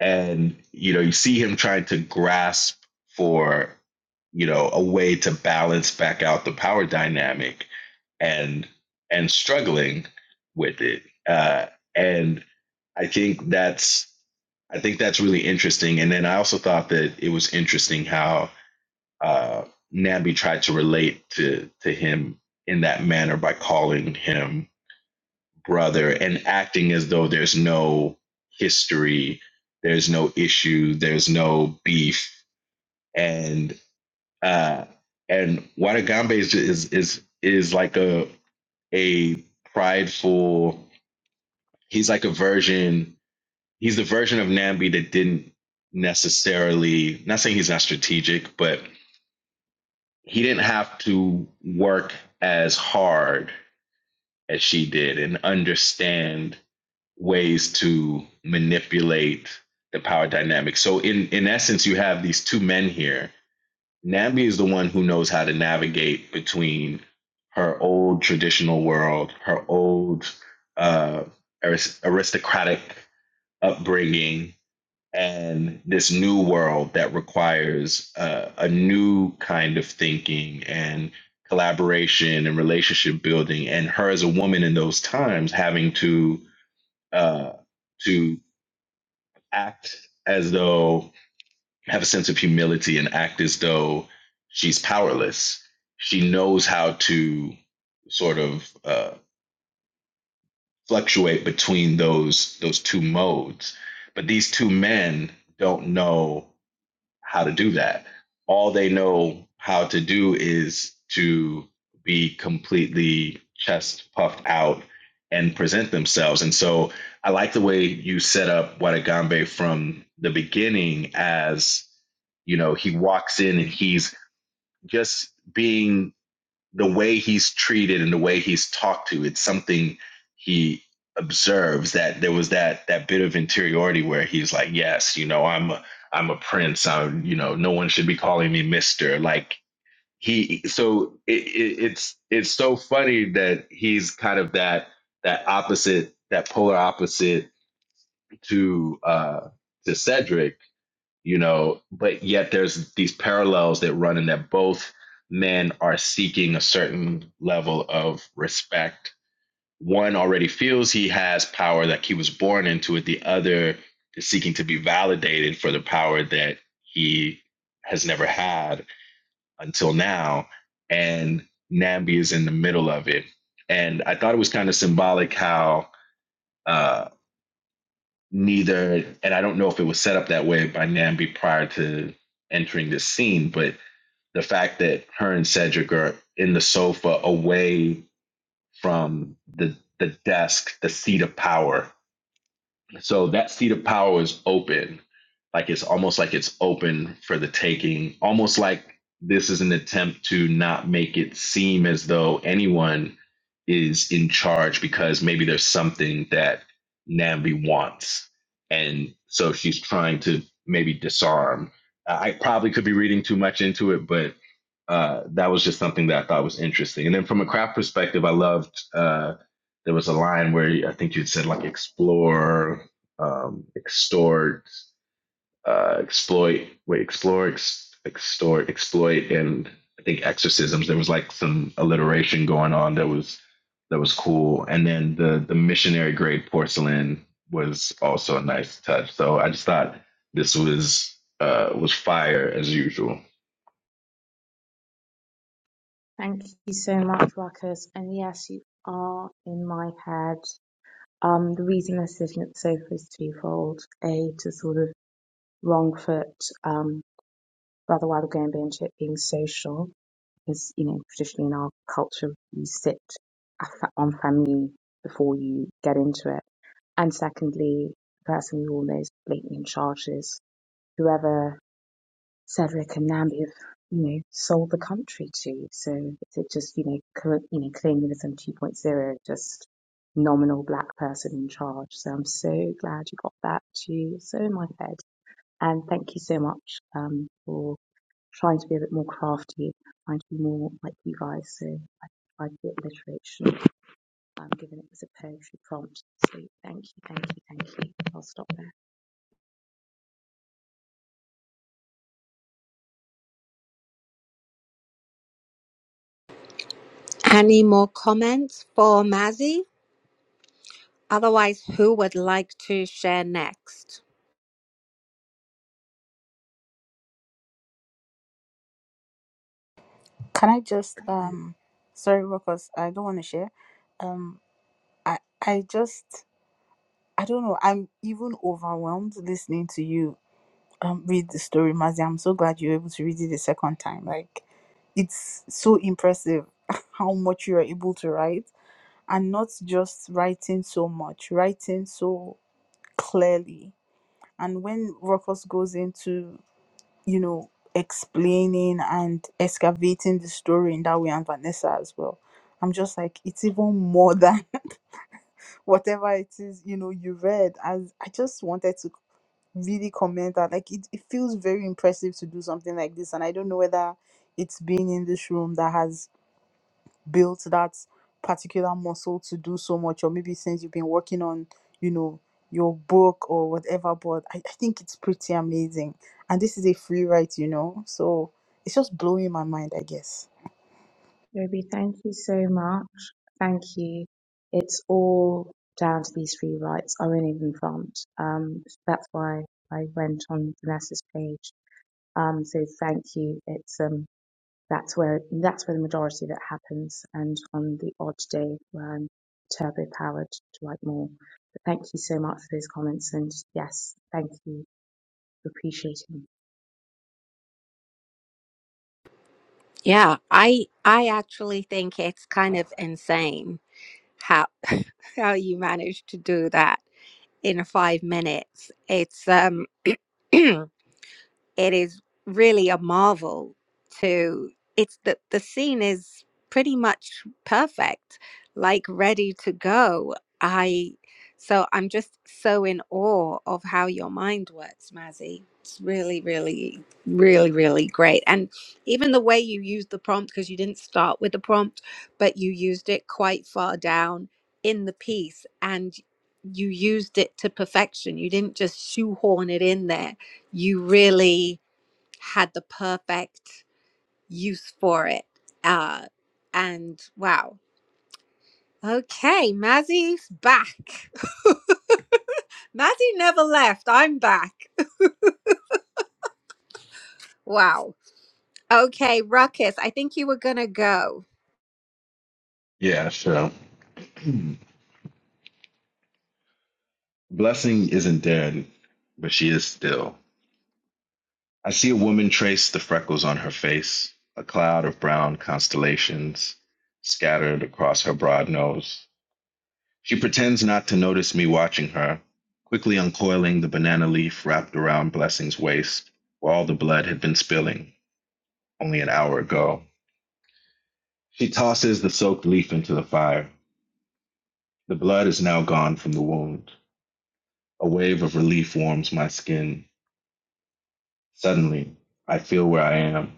Speaker 4: And you know, you see him trying to grasp for, you know, a way to balance back out the power dynamic and and struggling with it. Uh and I think that's I think that's really interesting. And then I also thought that it was interesting how uh, Nabi tried to relate to to him in that manner by calling him brother and acting as though there's no history, there's no issue, there's no beef, and uh, and Wanagambe is is is, is like a a prideful. He's like a version. he's the version of Nambi that didn't necessarily not saying he's not strategic, but he didn't have to work as hard as she did and understand ways to manipulate the power dynamic. So in in essence you have these two men here. Nambi is the one who knows how to navigate between her old traditional world, her old uh, aristocratic upbringing and this new world that requires uh, a new kind of thinking and collaboration and relationship building and her as a woman in those times having to uh, to act as though have a sense of humility and act as though she's powerless she knows how to sort of uh, fluctuate between those those two modes but these two men don't know how to do that. All they know how to do is to be completely chest puffed out and present themselves. And so I like the way you set up Watagambe from the beginning as, you know, he walks in and he's just being the way he's treated and the way he's talked to it's something he observes that there was that that bit of interiority where he's like yes you know i'm a, i'm a prince i'm you know no one should be calling me mister like he so it, it, it's it's so funny that he's kind of that that opposite that polar opposite to uh to cedric you know but yet there's these parallels that run in that both men are seeking a certain level of respect one already feels he has power like he was born into it the other is seeking to be validated for the power that he has never had until now and nambi is in the middle of it and i thought it was kind of symbolic how uh, neither, and I don't know if it was set up that way by Nambi prior to entering this scene, but the fact that her and Cedric are in the sofa away from the the desk, the seat of power, so that seat of power is open. Like it's almost like it's open for the taking, almost like this is an attempt to not make it seem as though anyone is in charge because maybe there's something that Nambi wants. And so she's trying to maybe disarm. I I probably could be reading too much into it, but uh, that was just something that I thought was interesting. And then from a craft perspective, I loved uh, there was a line where I think you would said like explore, um, extort, uh, exploit, wait, explore, ex- extort, exploit, and I think exorcisms. There was like some alliteration going on that was that was cool. And then the the missionary grade porcelain was also a nice touch. So I just thought this was uh, was fire as usual.
Speaker 3: Thank you so much, Ruckus. And yes, you are in my head. Um, the reason I'm sitting at the sofa is twofold. A, to sort of wrong foot um, Brother Wilder bench it being social, because, you know, traditionally in our culture, you sit a fa- on family before you get into it. And secondly, the person we all know is blatantly in charges. Whoever Cedric and Nambi have, you know, sold the country to. So it just, you know, cl- you know, colonialism 2.0, just nominal black person in charge. So I'm so glad you got that to so in my head. And thank you so much um, for trying to be a bit more crafty, trying to be more like you guys. So I tried the alliteration, um, given it was a poetry prompt. So thank you, thank you, thank you. I'll stop there.
Speaker 1: Any more comments for Mazzy? Otherwise, who would like to share next?
Speaker 6: Can I just um sorry because I don't want to share. Um I I just I don't know, I'm even overwhelmed listening to you um read the story, Mazi. I'm so glad you were able to read it the second time. Like it's so impressive how much you are able to write and not just writing so much, writing so clearly. And when Ruckus goes into you know, explaining and excavating the story in that way and Vanessa as well. I'm just like, it's even more than whatever it is, you know, you read. As I just wanted to really comment that like it, it feels very impressive to do something like this. And I don't know whether it's being in this room that has built that particular muscle to do so much or maybe since you've been working on you know your book or whatever but I, I think it's pretty amazing and this is a free write you know so it's just blowing my mind i guess
Speaker 3: Toby, thank you so much. Thank you. It's all down to these free rights. I won't even prompt. Um, that's why I went on Vanessa's page. Um, so thank you. It's um, that's where that's where the majority of it happens, and on the odd day where I'm turbo powered to like more. But thank you so much for those comments, and yes, thank you for appreciating.
Speaker 1: Yeah, I I actually think it's kind of insane how how you manage to do that in five minutes. It's um it is really a marvel to it's the the scene is pretty much perfect like ready to go i so i'm just so in awe of how your mind works mazzy it's really really really really great and even the way you used the prompt because you didn't start with the prompt but you used it quite far down in the piece and you used it to perfection you didn't just shoehorn it in there you really had the perfect use for it. Uh, and wow. Okay, Mazzy's back. Mazzy never left. I'm back. Wow. Okay, Ruckus, I think you were going to go.
Speaker 4: Yeah, sure. Blessing isn't dead, but she is still. I see a woman trace the freckles on her face, a cloud of brown constellations scattered across her broad nose. She pretends not to notice me watching her, quickly uncoiling the banana leaf wrapped around Blessing's waist, where all the blood had been spilling only an hour ago. She tosses the soaked leaf into the fire. The blood is now gone from the wound. A wave of relief warms my skin Suddenly, I feel where I am.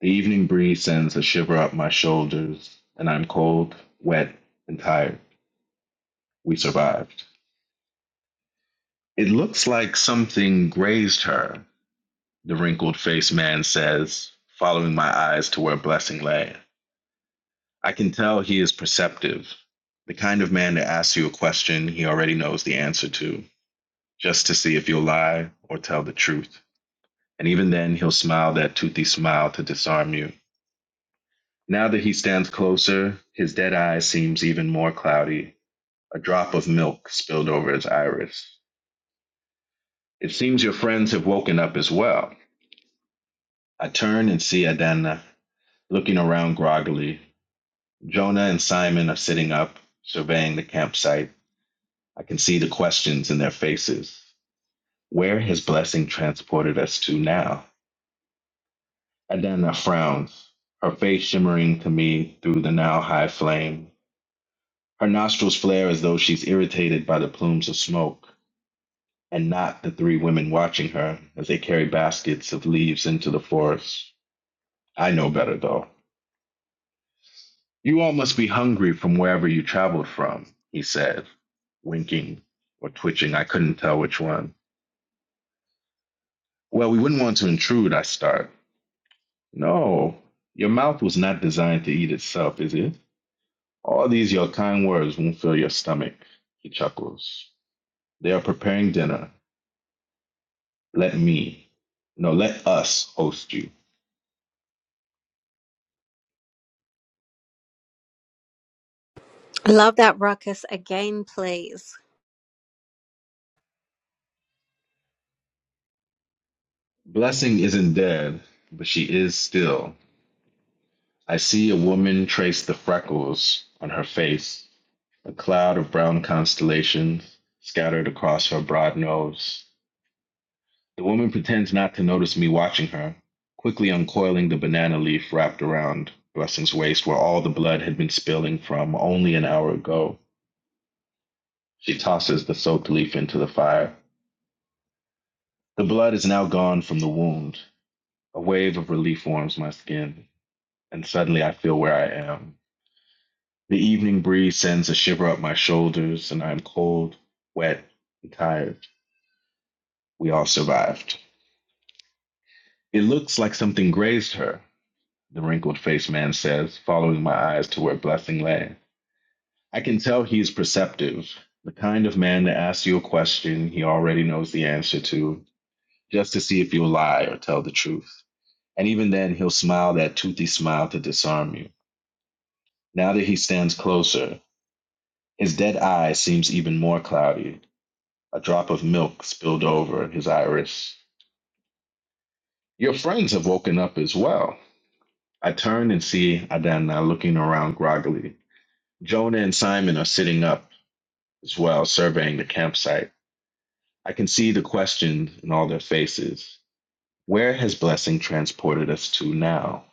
Speaker 4: The evening breeze sends a shiver up my shoulders, and I'm cold, wet, and tired. We survived. It looks like something grazed her, the wrinkled faced man says, following my eyes to where Blessing lay. I can tell he is perceptive, the kind of man that asks you a question he already knows the answer to, just to see if you'll lie or tell the truth. And even then, he'll smile that toothy smile to disarm you Now that he stands closer, his dead eye seems even more cloudy, a drop of milk spilled over his iris. It seems your friends have woken up as well. I turn and see Adana looking around groggily. Jonah and Simon are sitting up, surveying the campsite. I can see the questions in their faces. Where has blessing transported us to now? Adana frowns, her face shimmering to me through the now high flame. Her nostrils flare as though she's irritated by the plumes of smoke. and not the three women watching her as they carry baskets of leaves into the forest. I know better, though. You all must be hungry from wherever you traveled from, he said, winking or twitching. I couldn't tell which one. Well, we wouldn't want to intrude, I start. No, your mouth was not designed to eat itself, is it? All these your kind words won't fill your stomach, he chuckles. They are preparing dinner. Let me, no, let us host you.
Speaker 1: Love that Ruckus again, please.
Speaker 4: Blessing isn't dead, but she is still. I see a woman trace the freckles on her face, a cloud of brown constellations scattered across her broad nose. The woman pretends not to notice me watching her, quickly uncoiling the banana leaf wrapped around Blessing's waist where all the blood had been spilling from only an hour ago. She tosses the soaked leaf into the fire. The blood is now gone from the wound. A wave of relief warms my skin, and suddenly I feel where I am The evening breeze sends a shiver up my shoulders, and I am cold, wet, and tired. We all survived. It looks like something grazed her, the wrinkled faced man says, following my eyes to where Blessing lay. I can tell he is perceptive, the kind of man that asks you a question he already knows the answer to, just to see if you'll lie or tell the truth. And even then, he'll smile that toothy smile to disarm you. Now that he stands closer, his dead eye seems even more cloudy, A drop of milk spilled over his iris. Your friends have woken up as well. I turn and see Adana looking around groggily. Jonah and Simon are sitting up as well, surveying the campsite. I can see the question in all their faces. Where has blessing transported us to now?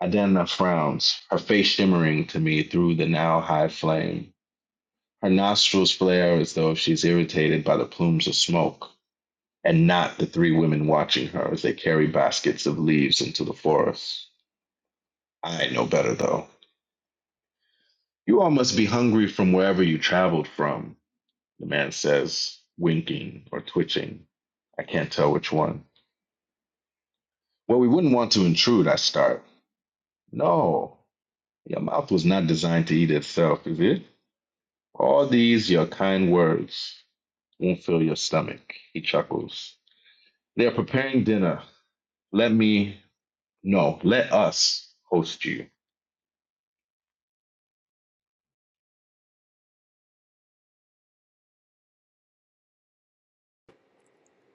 Speaker 4: Adana frowns, her face shimmering to me through the now high flame. Her nostrils flare as though she's irritated by the plumes of smoke. and not the three women watching her as they carry baskets of leaves into the forest. I know better, though. You all must be hungry from wherever you traveled from, the man says, winking or twitching. I can't tell which one. Well, we wouldn't want to intrude, I start. No, your mouth was not designed to eat itself, is it? All these, your kind words, won't fill your stomach, he chuckles. They are preparing dinner. Let me, no, let us host you.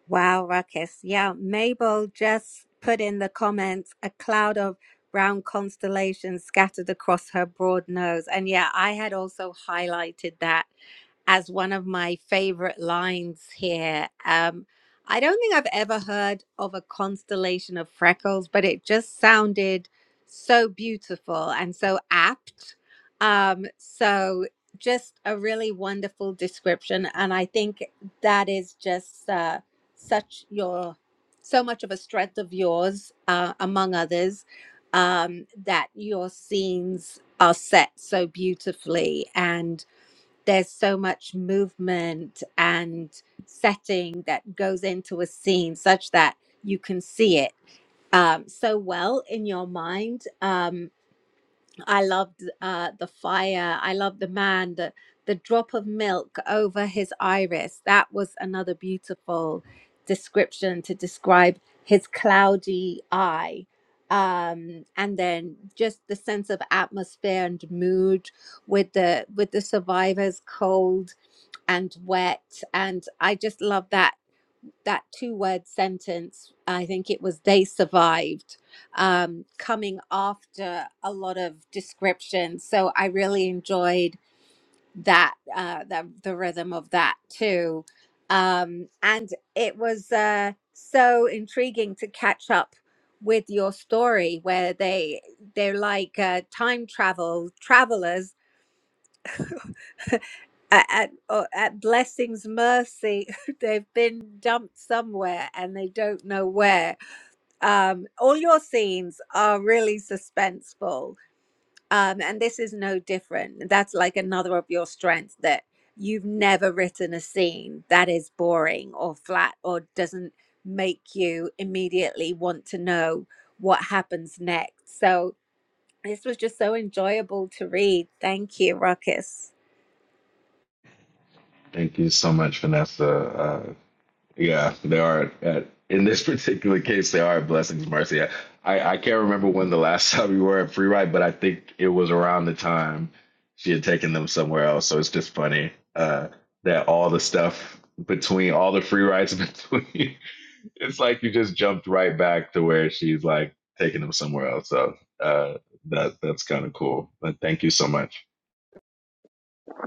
Speaker 1: Wow, Ruckus. Yeah, Mabel just put in the comments a cloud of round constellations scattered across her broad nose. And yeah, I had also highlighted that as one of my favorite lines here. Um, I don't think I've ever heard of a constellation of freckles, but it just sounded so beautiful and so apt. Um, so, just a really wonderful description. And I think that is just uh, such your, so much of a strength of yours, uh, among others, um, that your scenes are set so beautifully. and there's so much movement and setting that goes into a scene such that you can see it um, so well in your mind. Um, I loved uh, the fire. I loved the man, the, the drop of milk over his iris. That was another beautiful description to describe his cloudy eye. Um, and then just the sense of atmosphere and mood with the with the survivor's cold and wet and i just love that that two word sentence i think it was they survived um, coming after a lot of descriptions so i really enjoyed that uh, the, the rhythm of that too um, and it was uh, so intriguing to catch up with your story where they they're like uh, time travel travelers at, at, or at blessings mercy they've been dumped somewhere and they don't know where um, all your scenes are really suspenseful um, and this is no different that's like another of your strengths that you've never written a scene that is boring or flat or doesn't make you immediately want to know what happens next so this was just so enjoyable to read thank you ruckus
Speaker 4: Thank you so much, Vanessa. Uh, yeah, they are at, in this particular case, they are blessings, Marcy. I, I can't remember when the last time we were at Free Ride, but I think it was around the time she had taken them somewhere else. So it's just funny uh, that all the stuff between all the free rides between, it's like you just jumped right back to where she's like taking them somewhere else. So uh, that that's kind of cool. But thank you so much.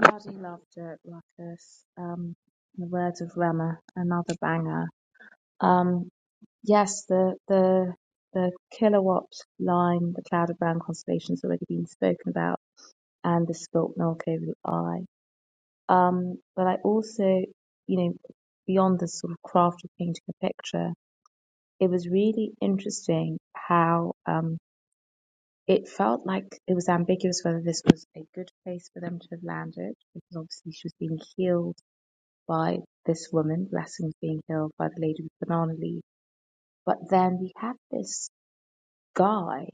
Speaker 3: Bloody loved it, Ruckus. Um, in the words of Rema, another banger. Um, Yes, the the the kilowatt line, the cloud of brown constellations already been spoken about, and the spilt milk over the eye. Um, but I also, you know, beyond the sort of craft of painting a picture, it was really interesting how um, it felt like it was ambiguous whether this was a good place for them to have landed, because obviously she was being healed by this woman, blessings being healed by the lady with banana leaf. But then we had this guy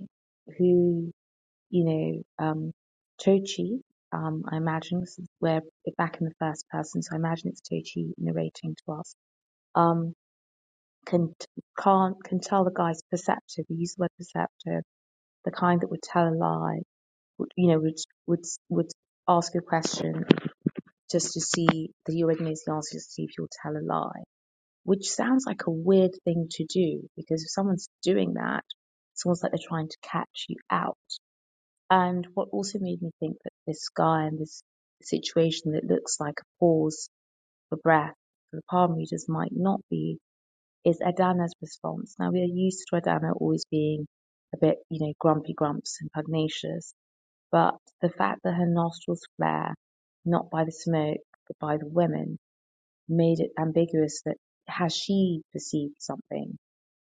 Speaker 3: who, you know, um, Tochi, um, I imagine, 'cause we're back in the first person, so I imagine it's Tochi narrating to us, um, can, can't, can tell the guy's perceptive, we use the word perceptive, the kind that would tell a lie, would, you know, would, would, would ask a question just to see that he already knows the answer, just to see if you'll tell a lie, which sounds like a weird thing to do, because if someone's doing that, it's almost like they're trying to catch you out And what also made me think that this scar and this situation that looks like a pause for breath for the palm readers might not be is Adana's response. Now we are used to Adana always being a bit, you know, grumpy grumps and pugnacious, but the fact that her nostrils flare, not by the smoke, but by the women, made it ambiguous that has she perceived something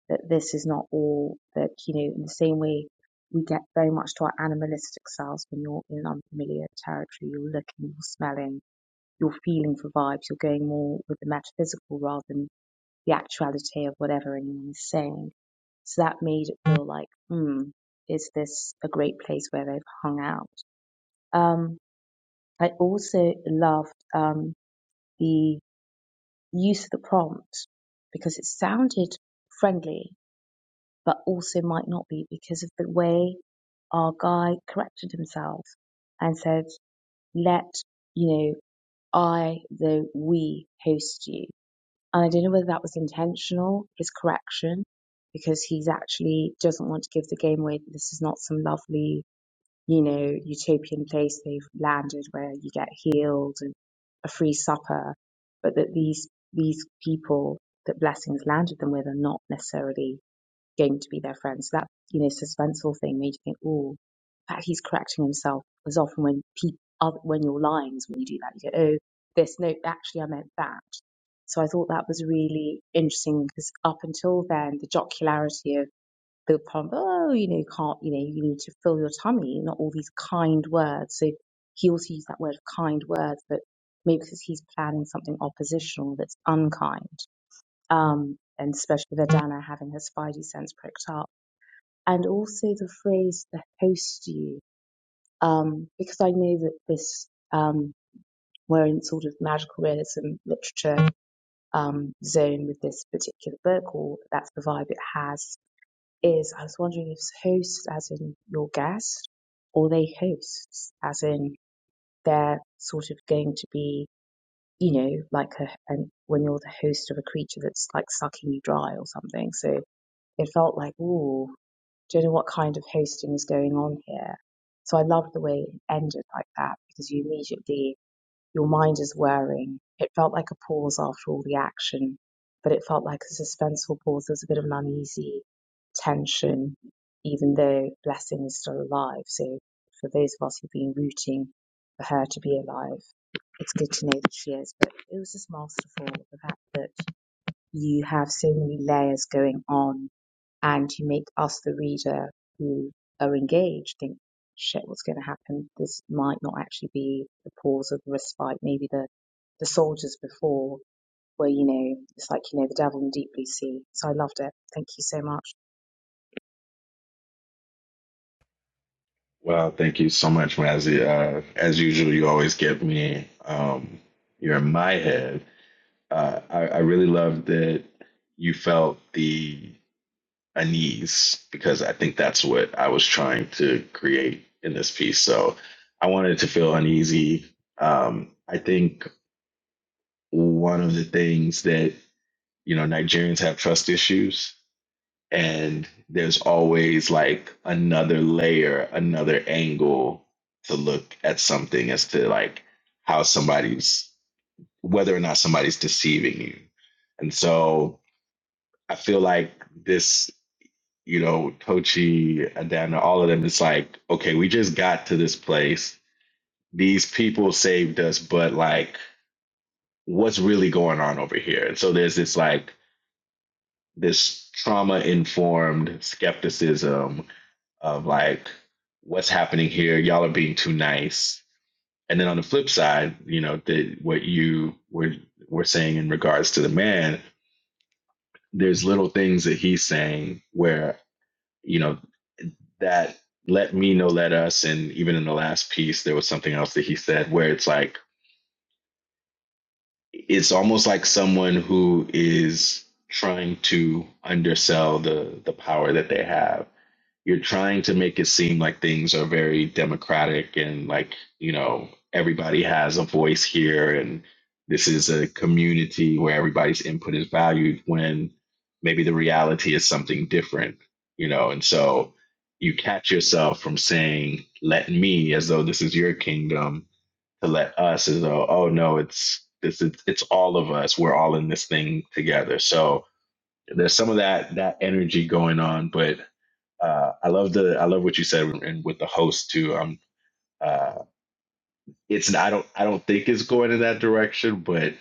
Speaker 3: that this is not all that you know in the same way we get very much to our animalistic selves when you're in unfamiliar territory you're looking you're smelling you're feeling for vibes you're going more with the metaphysical rather than the actuality of whatever anyone is saying so that made it feel like hmm is this a great place where they've hung out um i also loved um the use of the prompt because it sounded friendly, but also might not be because of the way our guy corrected himself and said, let, you know, I, the we host you. And I don't know whether that was intentional, his correction, because he's actually doesn't want to give the game away. This is not some lovely you know, utopian place they've landed where you get healed and a free supper, but that these these people that blessings landed them with are not necessarily going to be their friends. So that you know suspenseful thing made you think, oh, that he's correcting himself. As often when people when you're lines when you do that, you go, oh, this no, actually I meant that. So I thought that was really interesting because up until then, the jocularity of They'll probably, oh, you know, you can't, you know, you need to fill your tummy, not all these kind words. So he also used that word kind words, but maybe because he's planning something oppositional that's unkind. Um, and especially with Adana having her spidey sense pricked up. And also the phrase, the host you, um, because I know that this, um, we're in sort of magical realism literature um, zone with this particular book, or that's the vibe it has is I was wondering if host as in your guest or they hosts as in they're sort of going to be, you know, like a, an, when you're the host of a creature that's like sucking you dry or something. So it felt like, ooh, don't know what kind of hosting is going on here. So I loved the way it ended like that because you immediately your mind is wearing. It felt like a pause after all the action, but it felt like a suspenseful pause. There was a bit of an uneasy tension, even though Blessing is still alive. So for those of us who've been rooting for her to be alive, it's good to know that she is. But it was just masterful, the fact that you have so many layers going on and you make us the reader who are engaged think shit what's going to happen this might not actually be the pause of the respite maybe the the soldiers before where you know it's like you know the devil in deep blue sea so i loved it thank you so much
Speaker 4: Well, thank you so much, Mazzy. Uh, as usual, you always give me um, you're in my head. Uh, I, I really love that you felt the unease because I think that's what I was trying to create in this piece. So I wanted to feel uneasy. Um, I think one of the things that you know Nigerians have trust issues, and there's always like another layer, another angle to look at something as to like how somebody's whether or not somebody's deceiving you. And so I feel like this, you know, Tochi, Adana, all of them, it's like, okay, we just got to this place. These people saved us, but like, what's really going on over here? And so there's this like this trauma informed skepticism of like what's happening here y'all are being too nice and then on the flip side you know the, what you were were saying in regards to the man there's little things that he's saying where you know that let me know let us and even in the last piece there was something else that he said where it's like it's almost like someone who is trying to undersell the the power that they have you're trying to make it seem like things are very democratic and like you know everybody has a voice here and this is a community where everybody's input is valued when maybe the reality is something different you know and so you catch yourself from saying let me as though this is your kingdom to let us as though oh no it's this it's, it's all of us we're all in this thing together so there's some of that that energy going on but uh, I love the I love what you said and with the host too. Um, uh, it's I don't I don't think it's going in that direction, but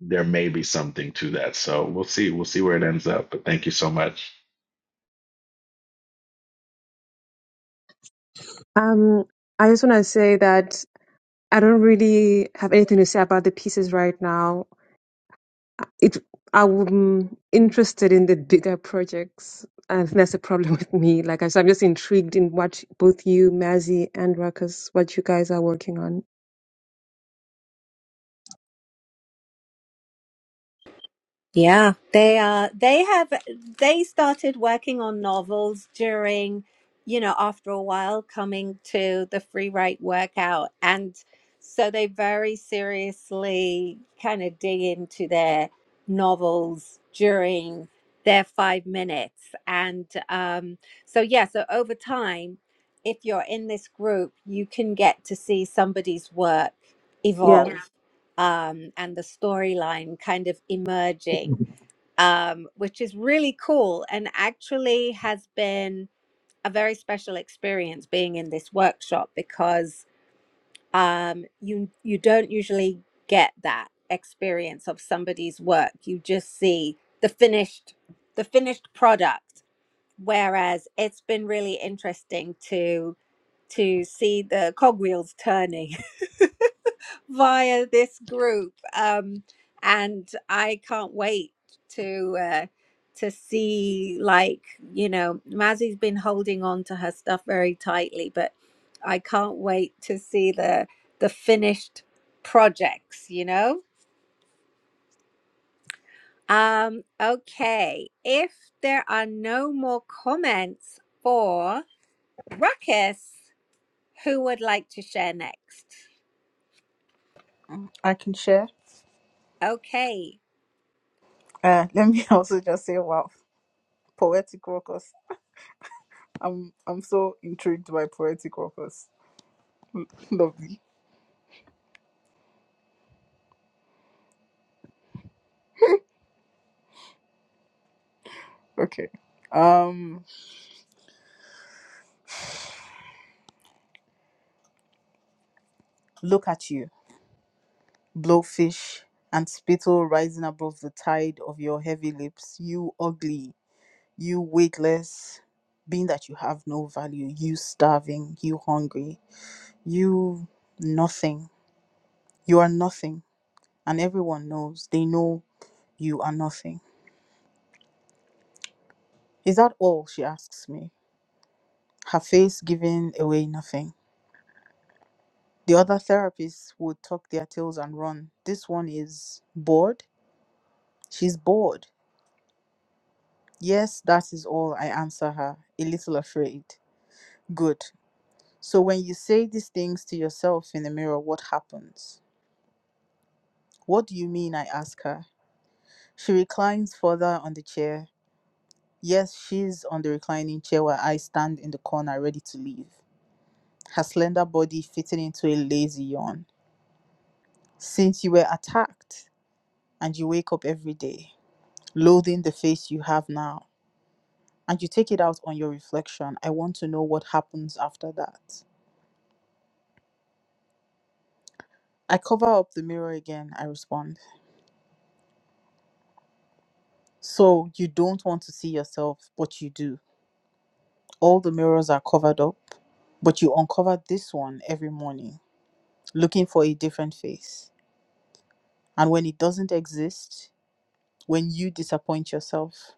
Speaker 4: there may be something to that. So we'll see we'll see where it ends up. But thank you so much.
Speaker 2: Um, I just want to say that I don't really have anything to say about the pieces right now it I'm interested in the bigger projects. I think that's the problem with me. Like I so I'm just intrigued in what both you, Mazzy, and Ruckus, what you guys are working on.
Speaker 1: Yeah, they are. They have. They started working on novels during, you know, after a while coming to the free write workout, and so they very seriously kind of dig into their novels during their five minutes, and um, so yeah. So over time, if you're in this group, you can get to see somebody's work
Speaker 2: Yeah,
Speaker 1: evolve, Yeah. um, and the storyline kind of emerging
Speaker 2: Mhm.
Speaker 1: um, which is really cool and actually has been a very special experience being in this workshop because um, you you don't usually get that experience of somebody's work. You just see the finished the finished product. Whereas it's been really interesting to to see the cogwheels turning via this group um and i can't wait to uh to see like you know mazzy's been holding on to her stuff very tightly but i can't wait to see the the finished projects you know um okay if there are no more comments for ruckus who would like to share next
Speaker 6: i can share
Speaker 1: okay
Speaker 6: uh let me also just say wow poetic workers i'm i'm so intrigued by poetic workers lovely okay um look at you blowfish and spittle rising above the tide of your heavy lips you ugly you weightless, being that you have no value, you starving, you hungry, you nothing. You are nothing. And everyone knows, they know you are nothing. Is that all? She asks me, her face giving away nothing. The other therapists would tuck their tails and run. This one is bored. She's bored. Yes, that is all, I answer her, a little afraid. Good. So when you say these things to yourself in the mirror, what happens? What do you mean? I ask her. She reclines further on the chair. Yes, she's on the reclining chair while I stand in the corner ready to leave, her slender body fitting into a lazy yawn. Since you were attacked and you wake up every day, loathing the face you have now, and you take it out on your reflection, I want to know what happens after that. I cover up the mirror again, I respond. So you don't want to see yourself, but you do. All the mirrors are covered up But you uncover this one every morning, looking for a different face. And when it doesn't exist, when you disappoint yourself,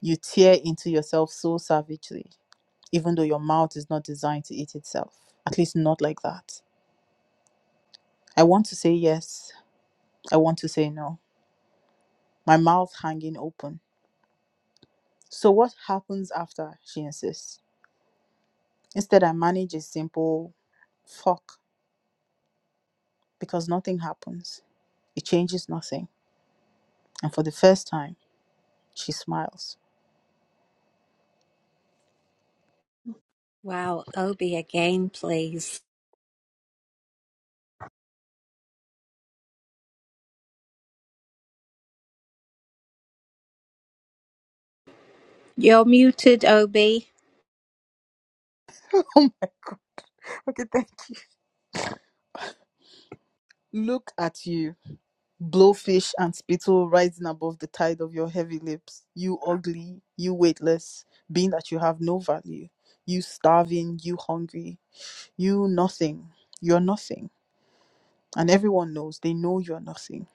Speaker 6: you tear into yourself so savagely, even though your mouth is not designed to eat itself. At least not like that. I want to say yes. I want to say no. My mouth hanging open. So what happens after? She insists. Instead, I manage a simple fuck because nothing happens. It changes nothing. And for the first time, she smiles.
Speaker 1: wow obi again please You're muted, OB.
Speaker 6: Oh my Okay, thank you. Look at you, blowfish and spittle rising above the tide of your heavy lips. You ugly, you weightless, being that you have no value. You starving, you hungry, you nothing. You're nothing. And everyone knows, they know you're nothing.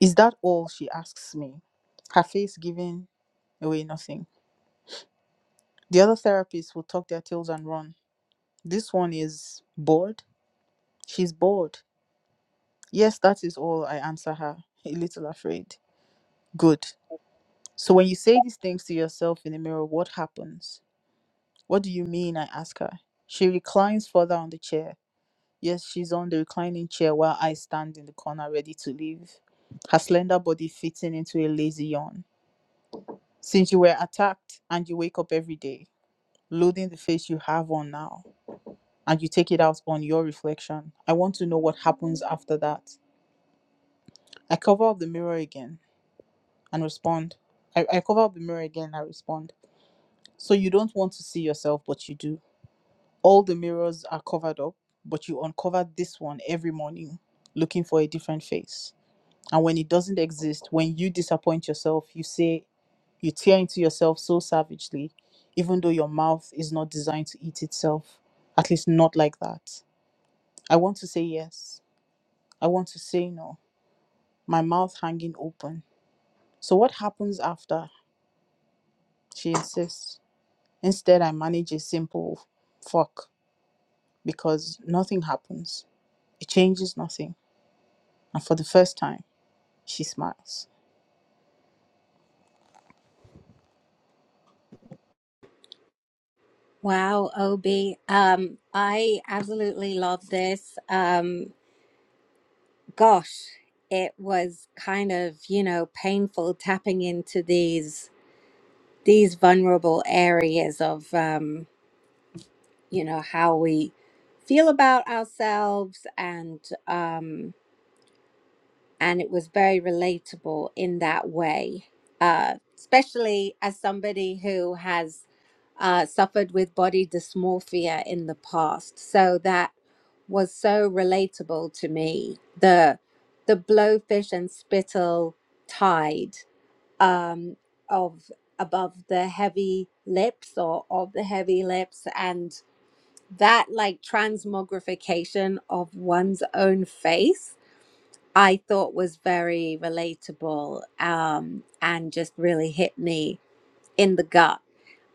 Speaker 6: Is that all? She asks me, her face giving away nothing. The other therapists will tuck their tails and run. This one is bored. She's bored. Yes, that is all, I answer her, a little afraid. Good. So when you say these things to yourself in the mirror, what happens? What do you mean? I ask her. She reclines further on the chair. Yes, she's on the reclining chair while I stand in the corner ready to leave, her slender body fitting into a lazy yawn. Since you were attacked and you wake up every day, loathing the face you have on now, and you take it out on your reflection, I want to know what happens after that. I cover up the mirror again and respond. I, I cover up the mirror again and I respond. So you don't want to see yourself, but you do. all the mirrors are covered up, but you uncover this one every morning looking for a different face. And when it doesn't exist, when you disappoint yourself, you say, you tear into yourself so savagely, even though your mouth is not designed to eat itself, at least not like that. I want to say yes. I want to say no. My mouth hanging open. So what happens after? She insists. Instead, I manage a simple fuck because nothing happens. It changes nothing And for the first time, she smiles.
Speaker 1: Wow, OB. Um, I absolutely love this. Um, gosh, it was kind of, you know, painful tapping into these these vulnerable areas of um, you know, how we feel about ourselves and um and it was very relatable in that way, uh, especially as somebody who has uh, suffered with body dysmorphia in the past. So that was so relatable to me. The the blowfish and spittle tide um, of above the heavy lips or of the heavy lips and that like transmogrification of one's own face I thought was very relatable um, and just really hit me in the gut.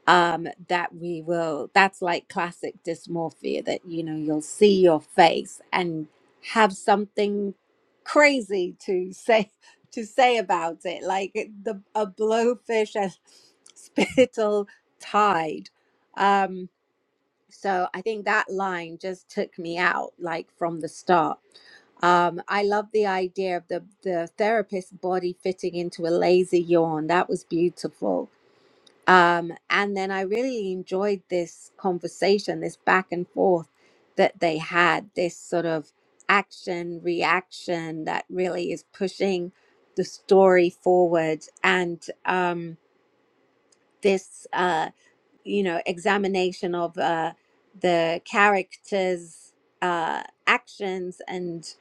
Speaker 1: Um, that we will, that's like classic dysmorphia that, you know, you'll see your face and have something crazy to say to say about it like it- the a blowfish and spittle tide um, so I think that line just took me out like from the start. Um, I love the idea of the the therapist's body fitting into a lazy yawn. That was beautiful. Um, and then I really enjoyed this conversation, this back and forth that they had, this sort of action reaction that really is pushing the story forward and um, this uh, you know examination of uh, the character's uh, actions and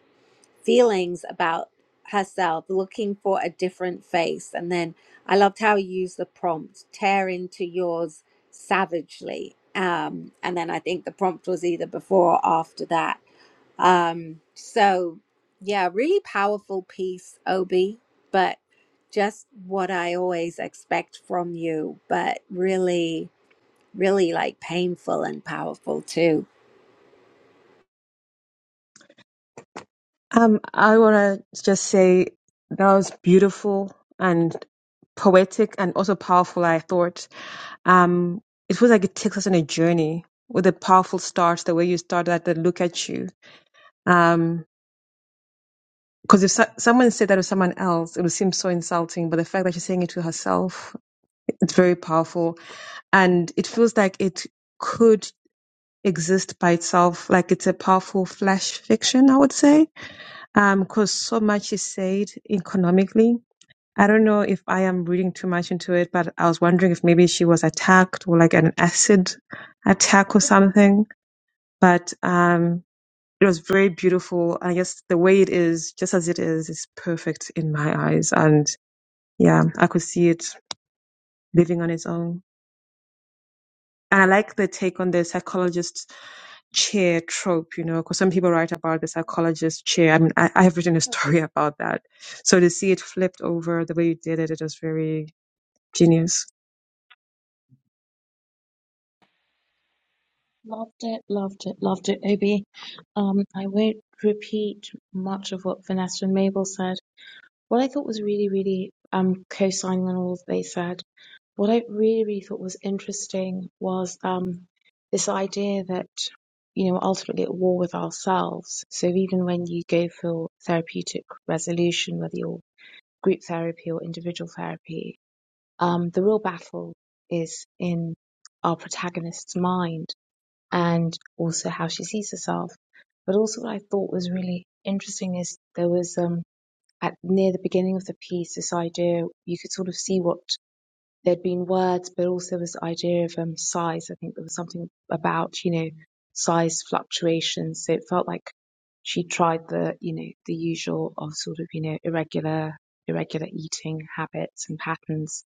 Speaker 1: feelings about herself looking for a different face and then i loved how you used the prompt tear into yours savagely um, and then i think the prompt was either before or after that um, so yeah really powerful piece obi but just what i always expect from you but really really like painful and powerful too.
Speaker 2: Um, I want to just say that was beautiful and poetic and also powerful, I thought. Um, it feels like it takes us on a journey with a powerful start, the way you started at the look at you. Um, because if so- someone said that to someone else, it would seem so insulting. But the fact that she's saying it to herself, it's very powerful. And it feels like it could exist by itself, like it's a powerful flash fiction, I would say Um, cause so much is said economically. I don't know if I am reading too much into it, but I was wondering if maybe she was attacked or like an acid attack or something. But um, it was very beautiful. I guess the way it is, just as it is, is perfect in my eyes. And yeah, I could see it living on its own. And I like the take on the psychologist chair trope, you know, because some people write about the psychologist chair. I mean, I, I have written a story about that. So to see it flipped over the way you did it, it was very genius.
Speaker 3: Loved it, loved it, loved it, Obi. Um, I won't repeat much of what Vanessa and Mabel said. What I thought was really, really um co-signing on all that they said What I really, really thought was interesting was um, this idea that, you know, we're ultimately at war with ourselves. So even when you go for therapeutic resolution, whether you're group therapy or individual therapy, um, the real battle is in our protagonist's mind and also how she sees herself. But also what I thought was really interesting is there was um, at near the beginning of the piece this idea you could sort of see what there'd been words, but also this idea of um, size. I think there was something about, you know, size fluctuations. So it felt like she tried the, you know, the usual of sort of, you know, irregular, irregular eating habits and patterns,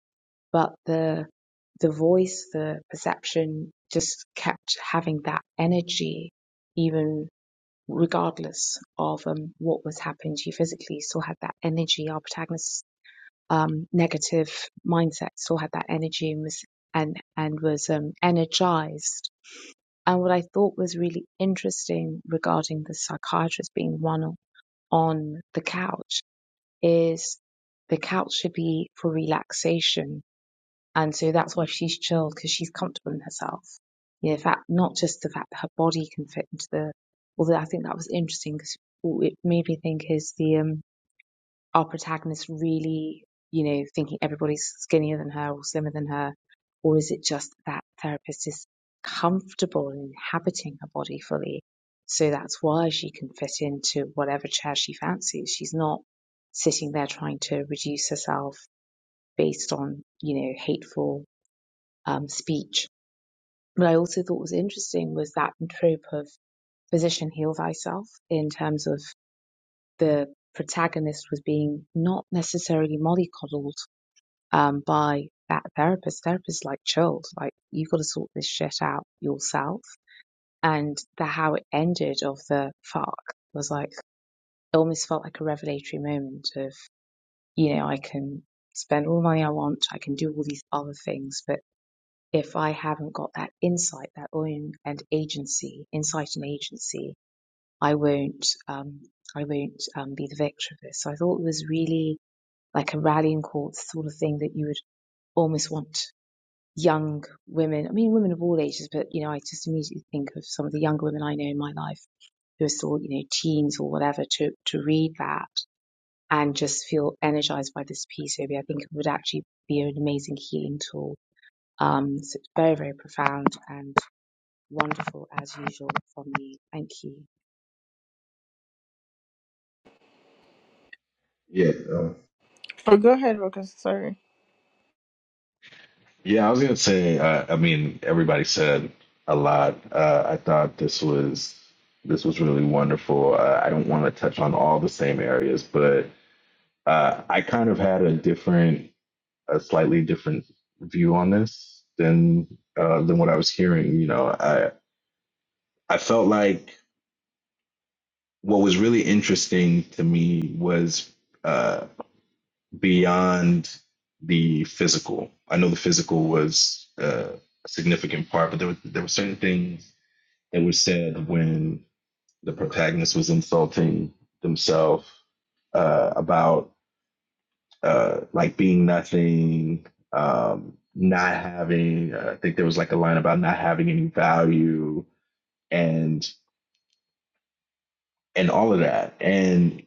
Speaker 3: but the, the voice, the perception just kept having that energy, even regardless of um, what was happening to you physically, still had that energy. Our protagonist um, negative mindset, still had that energy and was and and was um, energized. And what I thought was really interesting regarding the psychiatrist being one on the couch is the couch should be for relaxation, and so that's why she's chilled because she's comfortable in herself. You know, in fact, not just the fact that her body can fit into the. Although I think that was interesting because it made me think is the um, our protagonist really, you know, thinking everybody's skinnier than her or slimmer than her? Or is it just that therapist is comfortable in inhabiting her body fully? So that's why she can fit into whatever chair she fancies. She's not sitting there trying to reduce herself based on, you know, hateful um, speech. What I also thought was interesting was that trope of physician heal thyself in terms of the protagonist was being not necessarily mollycoddled um, by that therapist. Therapist like chilled, like you have got to sort this shit out yourself. And the how it ended of the fuck was like it almost felt like a revelatory moment of you know I can spend all the money I want, I can do all these other things, but if I haven't got that insight, that own and agency, insight and agency, I won't um, I won't um, be the victor of this. So I thought it was really like a rallying call, sort of thing that you would almost want young women. I mean, women of all ages, but you know, I just immediately think of some of the younger women I know in my life who are still, you know, teens or whatever to, to read that and just feel energized by this piece. Maybe I think it would actually be an amazing healing tool. Um, so it's very, very profound and wonderful as usual from you. Thank you.
Speaker 4: Yeah, um,
Speaker 6: Oh, go ahead, Ruckus. Sorry.
Speaker 4: yeah. I was gonna say. Uh, I mean, everybody said a lot. Uh, I thought this was this was really wonderful. Uh, I don't want to touch on all the same areas, but uh, I kind of had a different a slightly different view on this than uh, than what I was hearing. You know, I I felt like what was really interesting to me was uh, beyond the physical. I know the physical was uh, a significant part, but there were there were certain things that were said when the protagonist was insulting themselves uh, about uh, like being nothing, um, not having. Uh, I think there was like a line about not having any value and and all of that. And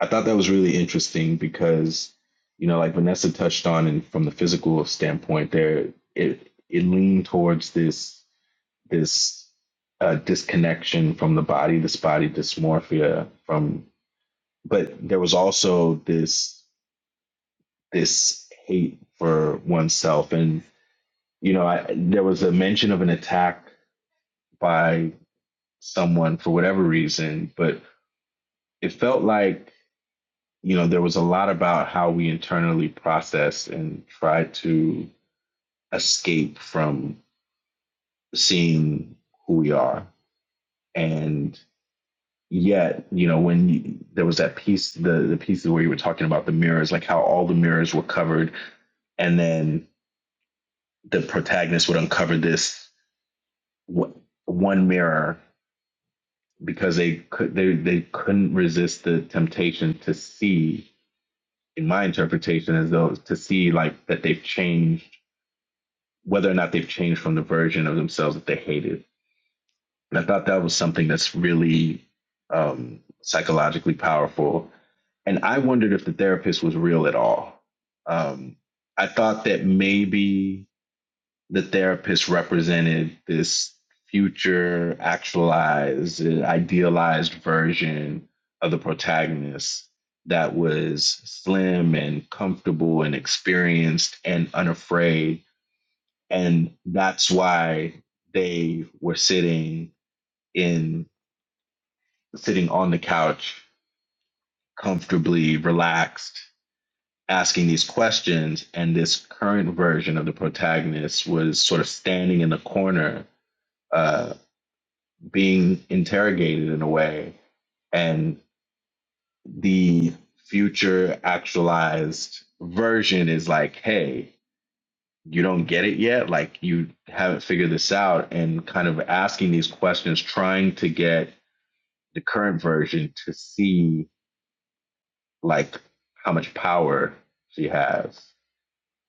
Speaker 4: I thought that was really interesting because you know, like Vanessa touched on, and from the physical standpoint, there it it leaned towards this this uh, disconnection from the body, this body dysmorphia from. But there was also this this hate for oneself and you know, I, there was a mention of an attack by someone for whatever reason, but it felt like, you know, there was a lot about how we internally process and try to escape from seeing who we are. And yet, you know, when you, there was that piece, the, the pieces where you were talking about the mirrors, like how all the mirrors were covered, and then the protagonist would uncover this one one mirror because they could they they couldn't resist the temptation to see in my interpretation as though to see like that they've changed whether or not they've changed from the version of themselves that they hated and i thought that was something that's really um psychologically powerful and i wondered if the therapist was real at all um i thought that maybe the therapist represented this future actualized uh, idealized version of the protagonist that was slim and comfortable and experienced and unafraid and that's why they were sitting in sitting on the couch comfortably relaxed asking these questions and this current version of the protagonist was sort of standing in the corner uh. being interrogated in a way and the future actualized version is like hey you don't get it yet like you haven't figured this out and kind of asking these questions trying to get the current version to see like how much power she has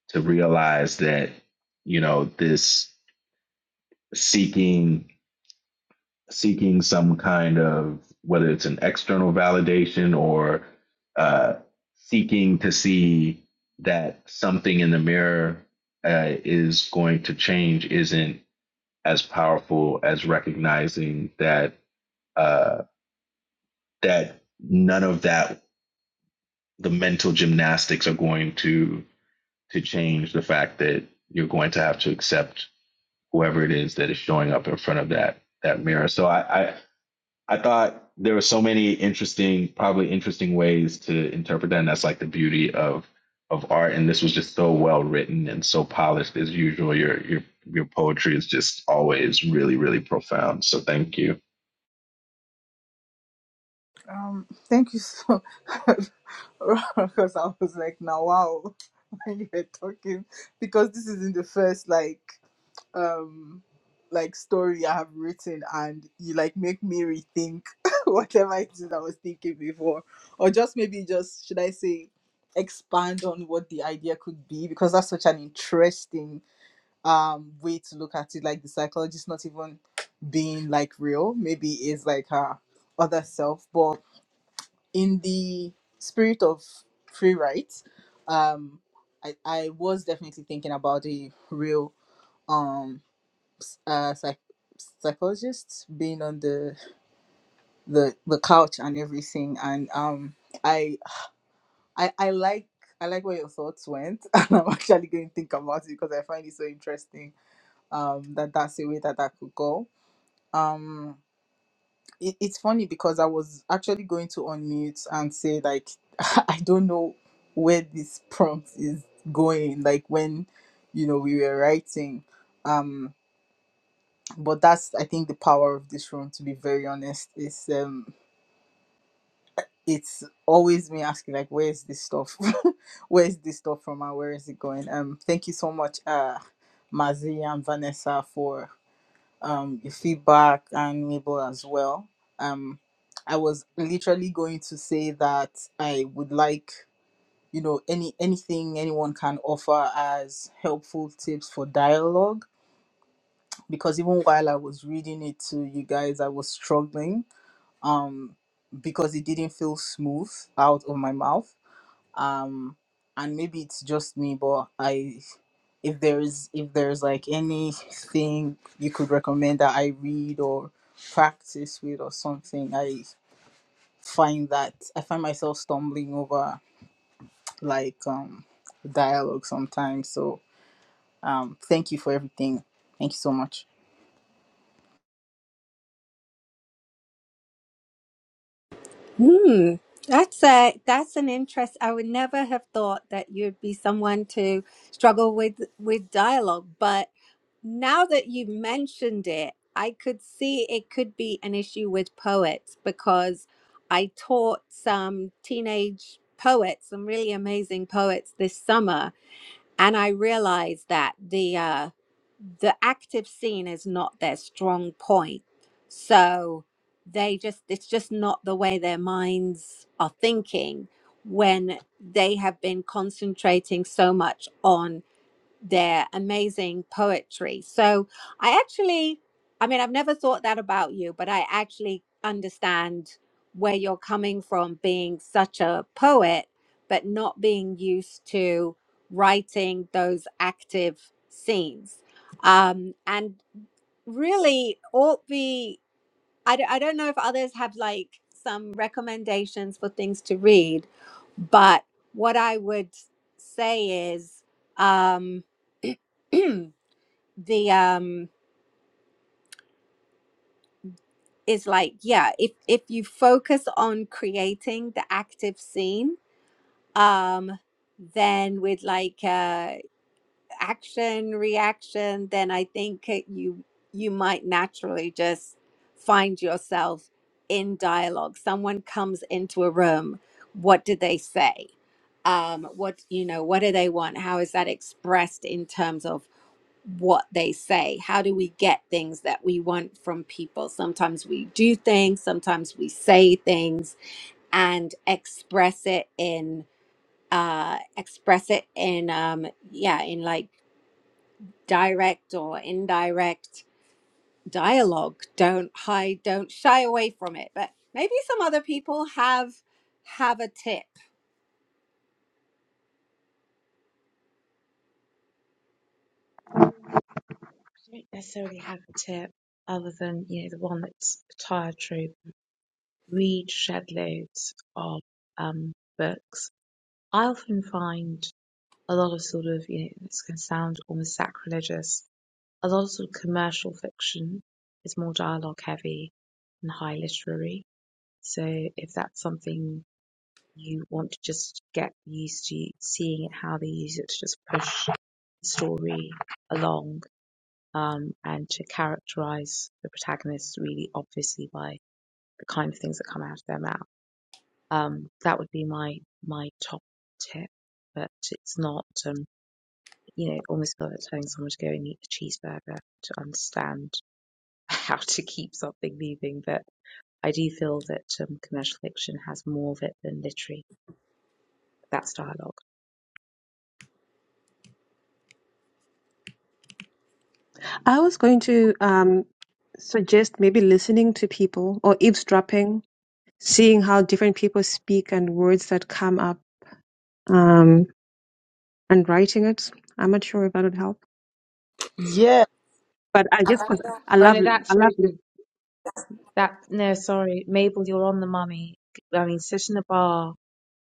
Speaker 4: to realize that you know this seeking seeking some kind of whether it's an external validation or uh, seeking to see that something in the mirror uh, is going to change isn't as powerful as recognizing that uh, that none of that the mental gymnastics are going to to change the fact that you're going to have to accept whoever it is that is showing up in front of that that mirror. So I, I I thought there were so many interesting, probably interesting ways to interpret that, and that's like the beauty of of art. And this was just so well written and so polished as usual. Your your your poetry is just always really, really profound. So thank you
Speaker 6: Um, thank you so because I was like, now wow, when you were talking, because this isn't the first like um like story I have written, and you like make me rethink whatever it is I was thinking before, or just maybe just should I say expand on what the idea could be because that's such an interesting um way to look at it like the psychologist not even being like real maybe is like her other self but in the spirit of free rights um i i was definitely thinking about a real um s- uh psych- psychologist being on the the the couch and everything and um i i i like i like where your thoughts went and i'm actually going to think about it because i find it so interesting um that that's the way that that could go um it, it's funny because i was actually going to unmute and say like i don't know where this prompt is going like when you know we were writing um but that's i think the power of this room to be very honest is um it's always me asking like where's this stuff where's this stuff from and where is it going um thank you so much uh mazi and vanessa for. um, your feedback and Mabel as well. Um, I was literally going to say that I would like, you know, any anything anyone can offer as helpful tips for dialogue because even while I was reading it to you guys, I was struggling um, because it didn't feel smooth out of my mouth um and maybe it's just me but i if there's if there's like anything you could recommend that i read or practice with or something i find that i find myself stumbling over like um dialogue sometimes so um thank you for everything thank you so much
Speaker 1: Hmm. That's a that's an interest. I would never have thought that you'd be someone to struggle with with dialogue, but now that you mentioned it, I could see it could be an issue with poets because I taught some teenage poets, some really amazing poets this summer, and I realized that the uh, the active scene is not their strong point. So they just it's just not the way their minds are thinking when they have been concentrating so much on their amazing poetry. So I actually, I mean, I've never thought that about you, but I actually understand where you're coming from being such a poet, but not being used to writing those active scenes. Um, and really, all the I, d- I don't know if others have like some recommendations for things to read, but what I would say is um, the um, is like yeah, if if you focus on creating the active scene, um, then with like uh, action reaction then i think it- you you might naturally just find yourself in dialogue someone comes into a room what do they say um what you know what do they want how is that expressed in terms of what they say how do we get things that we want from people sometimes we do things sometimes we say things and express it in uh express it in um yeah in like direct or indirect dialogue don't hide don't shy away from it but maybe some other people have have a tip
Speaker 3: I don't necessarily have a tip other than you know the one that's a tired trope: Read shed loads of um, books. I often find a lot of sort of, you know, this can sound almost sacrilegious. A lot of sort of commercial fiction is more dialogue heavy and high literary. So if that's something you want to just get used to seeing it, how they use it to just push the story along, um, and to characterize the protagonists really obviously by the kind of things that come out of their mouth. Um, that would be my, my top tip, but it's not, um, you know, almost feel like it's telling someone to go and eat a cheeseburger to understand how to keep something moving. But I do feel that um, commercial fiction has more of it than literary. That's dialogue.
Speaker 2: I was going to um, suggest maybe listening to people or eavesdropping, seeing how different people speak and words that come up. Um, and writing it. I'm not sure if that would help,
Speaker 6: Yeah,
Speaker 2: but I just because I
Speaker 3: Oh no,
Speaker 2: love,
Speaker 3: that's
Speaker 2: I love,
Speaker 3: totally that. No, sorry, Mabel, you're on the mummy. I mean, sit in a bar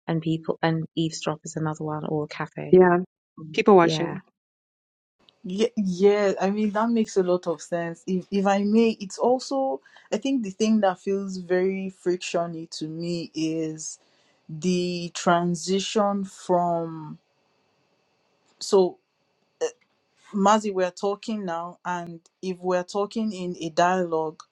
Speaker 3: and people and eavesdrop is another one, or a cafe.
Speaker 2: yeah,
Speaker 3: Mm.
Speaker 2: people
Speaker 3: Yeah.
Speaker 2: watching.
Speaker 6: yeah, yeah. I mean, that makes a lot of sense. If if I may, it's also I think the thing that feels very frictiony to me is. the transition from so Mazi, we're talking now, and if we're talking in a dialogue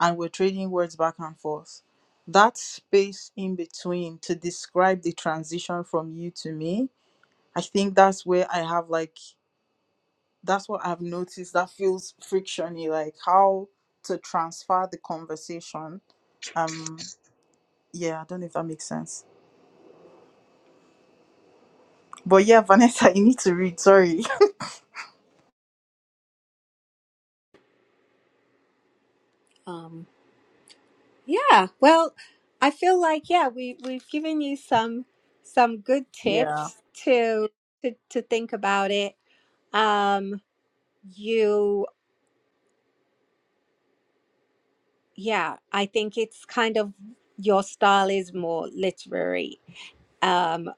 Speaker 6: and we're trading words back and forth, that space in between to describe the transition from you to me, I think that's where I have like that's what I've noticed that feels frictiony, like how to transfer the conversation. Um, yeah, I don't know if that makes sense. But yeah, Vanessa, you need to read. Sorry.
Speaker 1: um yeah well i feel like yeah we we've given you some some good
Speaker 6: Yeah.
Speaker 1: tips to to, to think about it um you yeah i think it's kind of your style is more literary um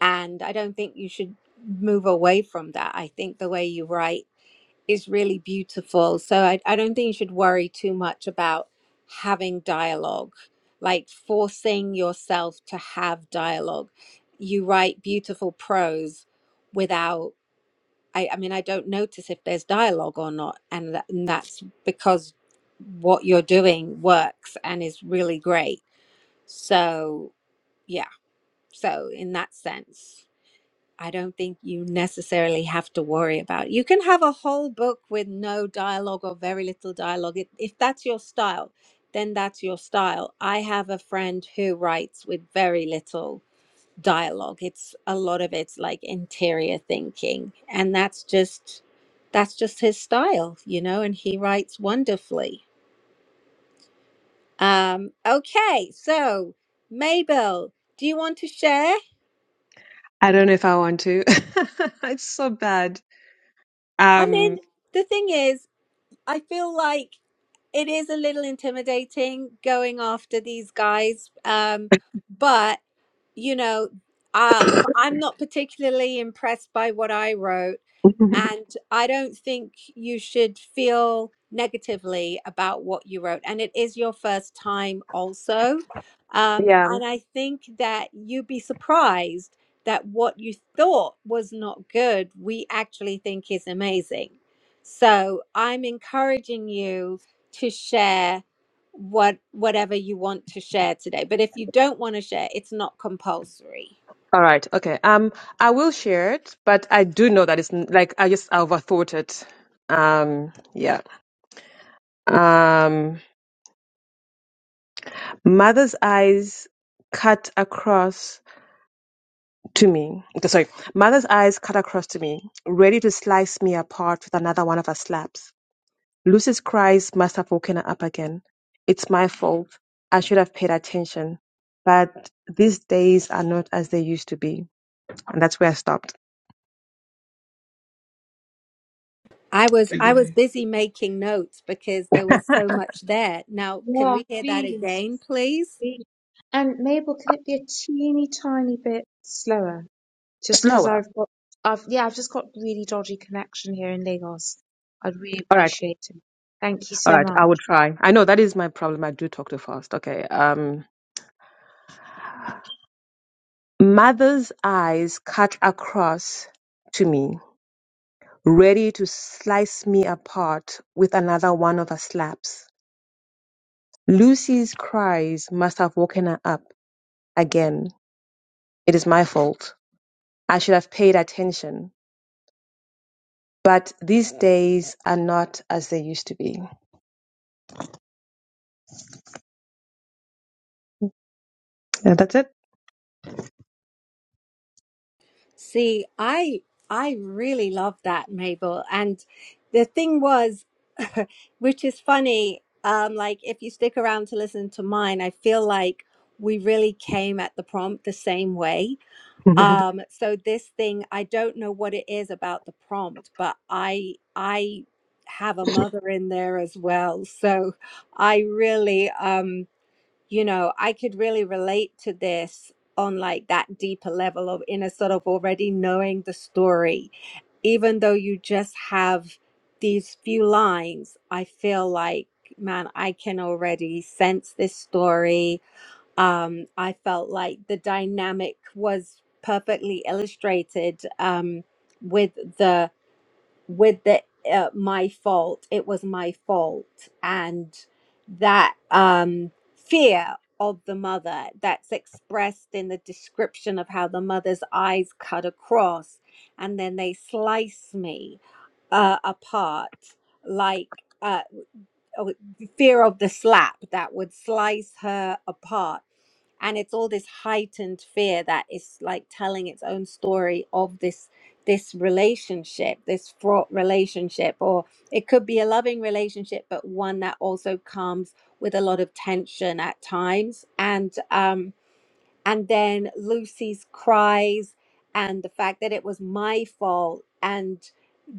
Speaker 1: and i don't think you should move away from that i think the way you write is really beautiful. So I, I don't think you should worry too much about having dialogue, like forcing yourself to have dialogue. You write beautiful prose without, I, I mean, I don't notice if there's dialogue or not. And, that, and that's because what you're doing works and is really great. So, yeah. So, in that sense. I don't think you necessarily have to worry about. You can have a whole book with no dialogue or very little dialogue. If, if that's your style, then that's your style. I have a friend who writes with very little dialogue. It's a lot of it's like interior thinking, and that's just that's just his style, you know, and he writes wonderfully. Um okay, so Mabel, do you want to share?
Speaker 2: I don't know if I want to. it's so bad.
Speaker 1: I
Speaker 2: Um,
Speaker 1: mean, the thing is, I feel like it is a little intimidating going after these guys um but you know uh, m- i'm not particularly impressed by what i wrote and i don't think you should feel negatively about what you wrote and it is your first time also um,
Speaker 2: yeah.
Speaker 1: and i think that you'd be surprised that what you thought was not good we actually think is amazing so i'm encouraging you to share what whatever you want to share today but if you don't want to share it's not compulsory
Speaker 2: All right. Okay. Um, I will share it, but I do know that it's n- like I just overthought it. Um, yeah. Um, mother's eyes cut across to me. Sorry, mother's eyes cut across to me, ready to slice me apart with another one of her slaps. Lucy's cries must have woken her up again. It's my fault. I should have paid attention. But these days are not as they used to be. And that's where I stopped.
Speaker 1: i was i was
Speaker 4: again.
Speaker 1: busy making notes because there was so much there now can
Speaker 3: Yeah,
Speaker 1: we hear that
Speaker 3: please,
Speaker 1: again please
Speaker 3: please. And Mabel, can it be a teeny tiny bit slower? Just because
Speaker 2: Slower.
Speaker 3: I've got, I've yeah, I've just got really dodgy connection here in Lagos. I'd really
Speaker 2: All right.
Speaker 3: appreciate it. Thank you
Speaker 2: All
Speaker 3: so
Speaker 2: right. I will
Speaker 3: much.
Speaker 2: try. I know that is my problem. I do talk too fast. Okay. Um, mother's eyes cut across to me, ready to slice me apart with another one of her slaps. Lucy's cries must have woken her up again. It is my fault. I should have paid attention but these days are not as they used to be. Yeah, that's it.
Speaker 1: see i i really love that mabel and the thing was which is funny um like if you stick around to listen to mine i feel like we really came at the prompt the same way um so this thing i don't know what it is about the prompt but i i have a mother in there as well so i really um you know i could really relate to this on like that deeper level of in a sort of already knowing the story even though you just have these few lines i feel like man i can already sense this story um, I felt like the dynamic was perfectly illustrated um, with the with the uh, my fault. It was my fault, and that um, fear of the mother that's expressed in the description of how the mother's eyes cut across, and then they slice me uh, apart like. Uh, oh, fear of the slap that would slice her apart. And it's all this heightened fear that is like telling its own story of this this relationship, this fraught relationship, or it could be a loving relationship, but one that also comes with a lot of tension at times. And um, and then Lucy's cries and the fact that it was my fault and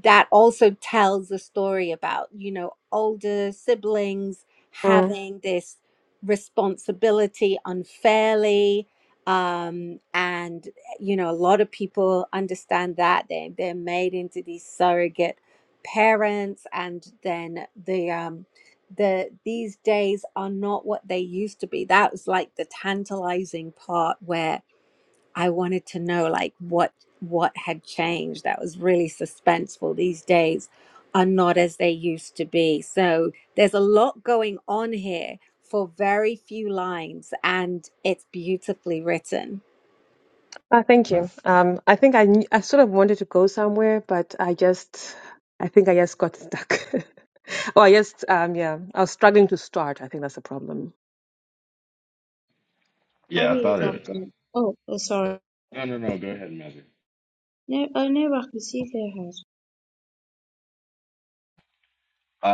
Speaker 1: that also tells a story about you know older siblings
Speaker 2: Mm.
Speaker 1: having this responsibility unfairly um and you know a lot of people understand that they they're made into these surrogate parents and then the um. The these days are not what they used to be. That was like the tantalizing part where I wanted to know like what what had changed. That was really suspenseful. These days are not as they used to be. So there's a lot going on here for very few lines and it's beautifully written.
Speaker 2: Oh, thank you. Um, I think I, kn- I sort of wanted to go somewhere, but I just, I think I just got stuck. Oh, I just, um, yeah, I was struggling to start. I think that's the problem.
Speaker 3: I
Speaker 4: Yeah, I
Speaker 3: really
Speaker 4: thought it.
Speaker 3: loved it. Oh, oh sorry.
Speaker 4: No, no, no. Go ahead, Magic.
Speaker 3: No, oh no, I can see Fairhead.
Speaker 4: Uh,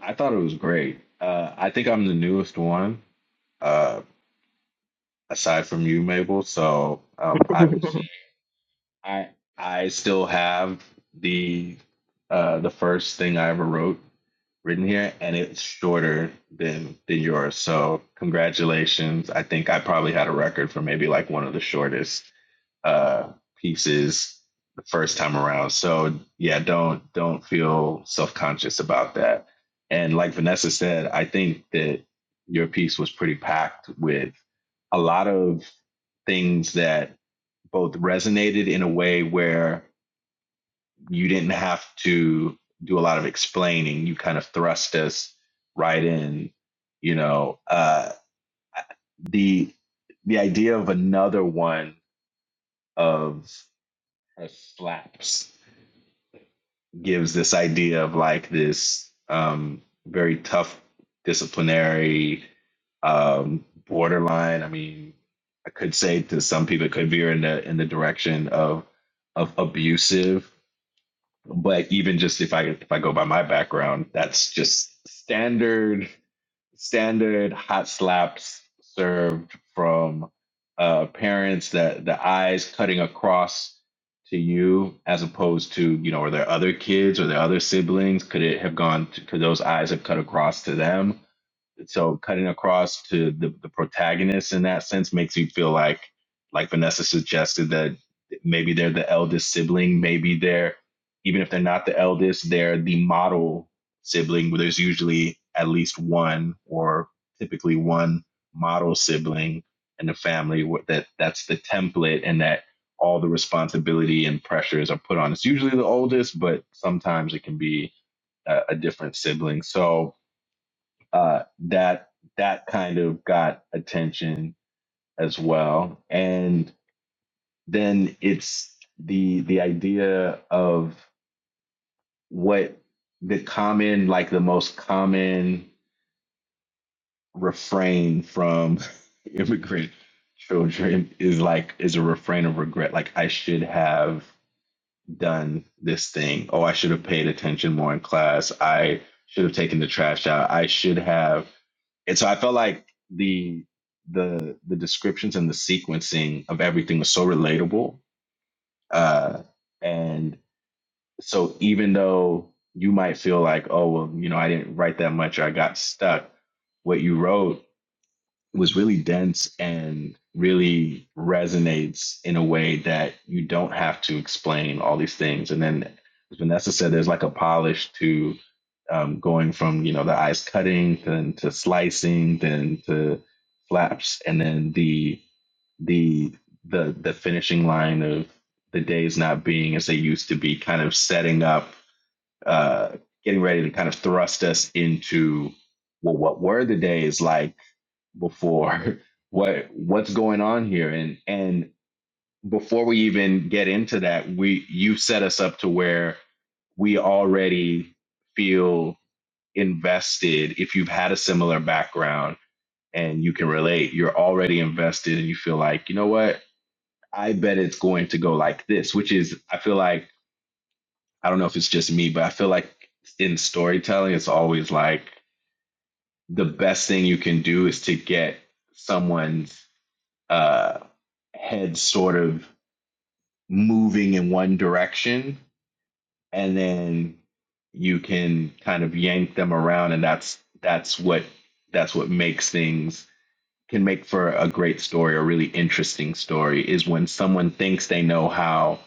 Speaker 4: I I thought it was great. Uh, I think I'm the newest one, uh, aside from you, Mabel. So um, I will say. I I still have the uh the first thing I ever wrote written here, and it's shorter than than yours. So congratulations. I think I probably had a record for maybe like one of the shortest uh pieces the first time around. So yeah, don't don't feel self conscious about that. And like Vanessa said, I think that your piece was pretty packed with a lot of things that both resonated in a way where you didn't have to do a lot of explaining. You kind of thrust us right in. You know, uh, the the idea of another one of uh, slaps gives this idea of like this um, very tough disciplinary um, borderline. I mean, I could say to some people it could veer in the in the direction of of abusive but even just if I if I go by my background, that's just standard standard hot slaps served from uh, parents that the eyes cutting across to you as opposed to you know are there other kids or their other siblings could it have gone to, could those eyes have cut across to them so cutting across to the, the protagonist in that sense makes you feel like like vanessa suggested that maybe they're the eldest sibling maybe they're even if they're not the eldest they're the model sibling where there's usually at least one or typically one model sibling in the family wh- that that's the template and that all the responsibility and pressures are put on it's usually the oldest but sometimes it can be a, a different sibling so uh, that that kind of got attention as well. And then it's the the idea of what the common, like the most common refrain from immigrant children is like is a refrain of regret. Like I should have done this thing. Oh, I should have paid attention more in class. I should have taken the trash out. I should have And so I felt like the the the descriptions and the sequencing of everything was so relatable. Uh, and so even though you might feel like, oh well, you know, I didn't write that much or I got stuck, what you wrote was really dense and really resonates in a way that you don't have to explain all these things. And then, as Vanessa said, there's like a polish to um, going from you know the ice cutting then to slicing, then to flaps, and then the the the the finishing line of the days not being as they used to be, kind of setting up, uh, getting ready to kind of thrust us into well, what were the days like? before what what's going on here and and before we even get into that we you've set us up to where we already feel invested if you've had a similar background and you can relate you're already invested and you feel like you know what i bet it's going to go like this which is i feel like i don't know if it's just me but i feel like in storytelling it's always like the best thing you can do is to get someone's uh, head sort of moving in one direction, and then you can kind of yank them around, and that's that's what that's what makes things can make for a great story, a really interesting story, is when someone thinks they know how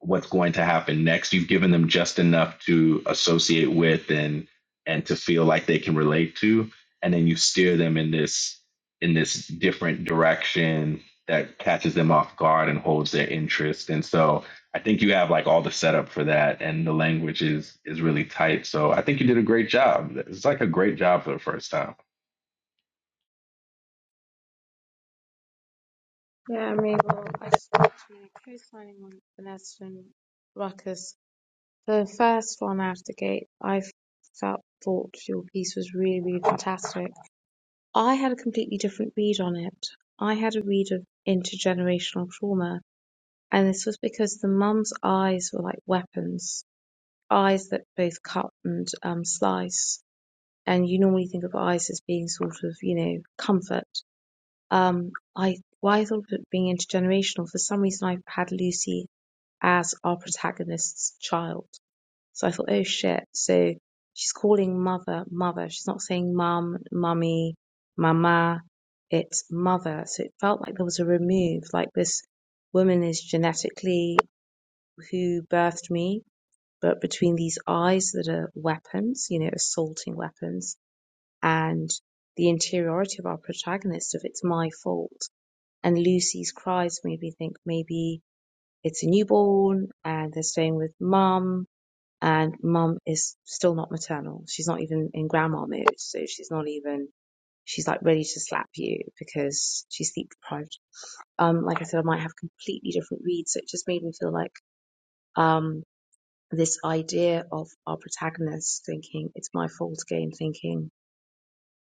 Speaker 4: what's going to happen next. You've given them just enough to associate with and and to feel like they can relate to, and then you steer them in this in this different direction that catches them off guard and holds their interest. And so I think you have like all the setup for that and the language is is really tight. So I think you did a great job. It's like a great job for the first time.
Speaker 3: Yeah, I'm able. I just want to know, co-signing on Vanessa and Ruckus. The first one out of the gate, I felt thought your piece was really, really fantastic. I had a completely different read on it. I had a read of intergenerational trauma and this was because the mum's eyes were like weapons, eyes that both cut and um, slice. And you normally think of eyes as being sort of, you know, comfort. Um, I why I thought of it being intergenerational. For some reason, I had Lucy as our protagonist's child, so I thought, oh shit. So she's calling mother, mother. She's not saying mum, mummy, mama. It's mother. So it felt like there was a remove, like this woman is genetically who birthed me, but between these eyes that are weapons, you know, assaulting weapons, and the interiority of our protagonist of it's my fault. And Lucy's cries made me think maybe it's a newborn and they're staying with mum and mum is still not maternal. She's not even in grandma mode. So she's not even, she's like ready to slap you because she's sleep deprived. Um, like I said, I might have completely different reads. So it just made me feel like, um, this idea of our protagonist thinking it's my fault again, thinking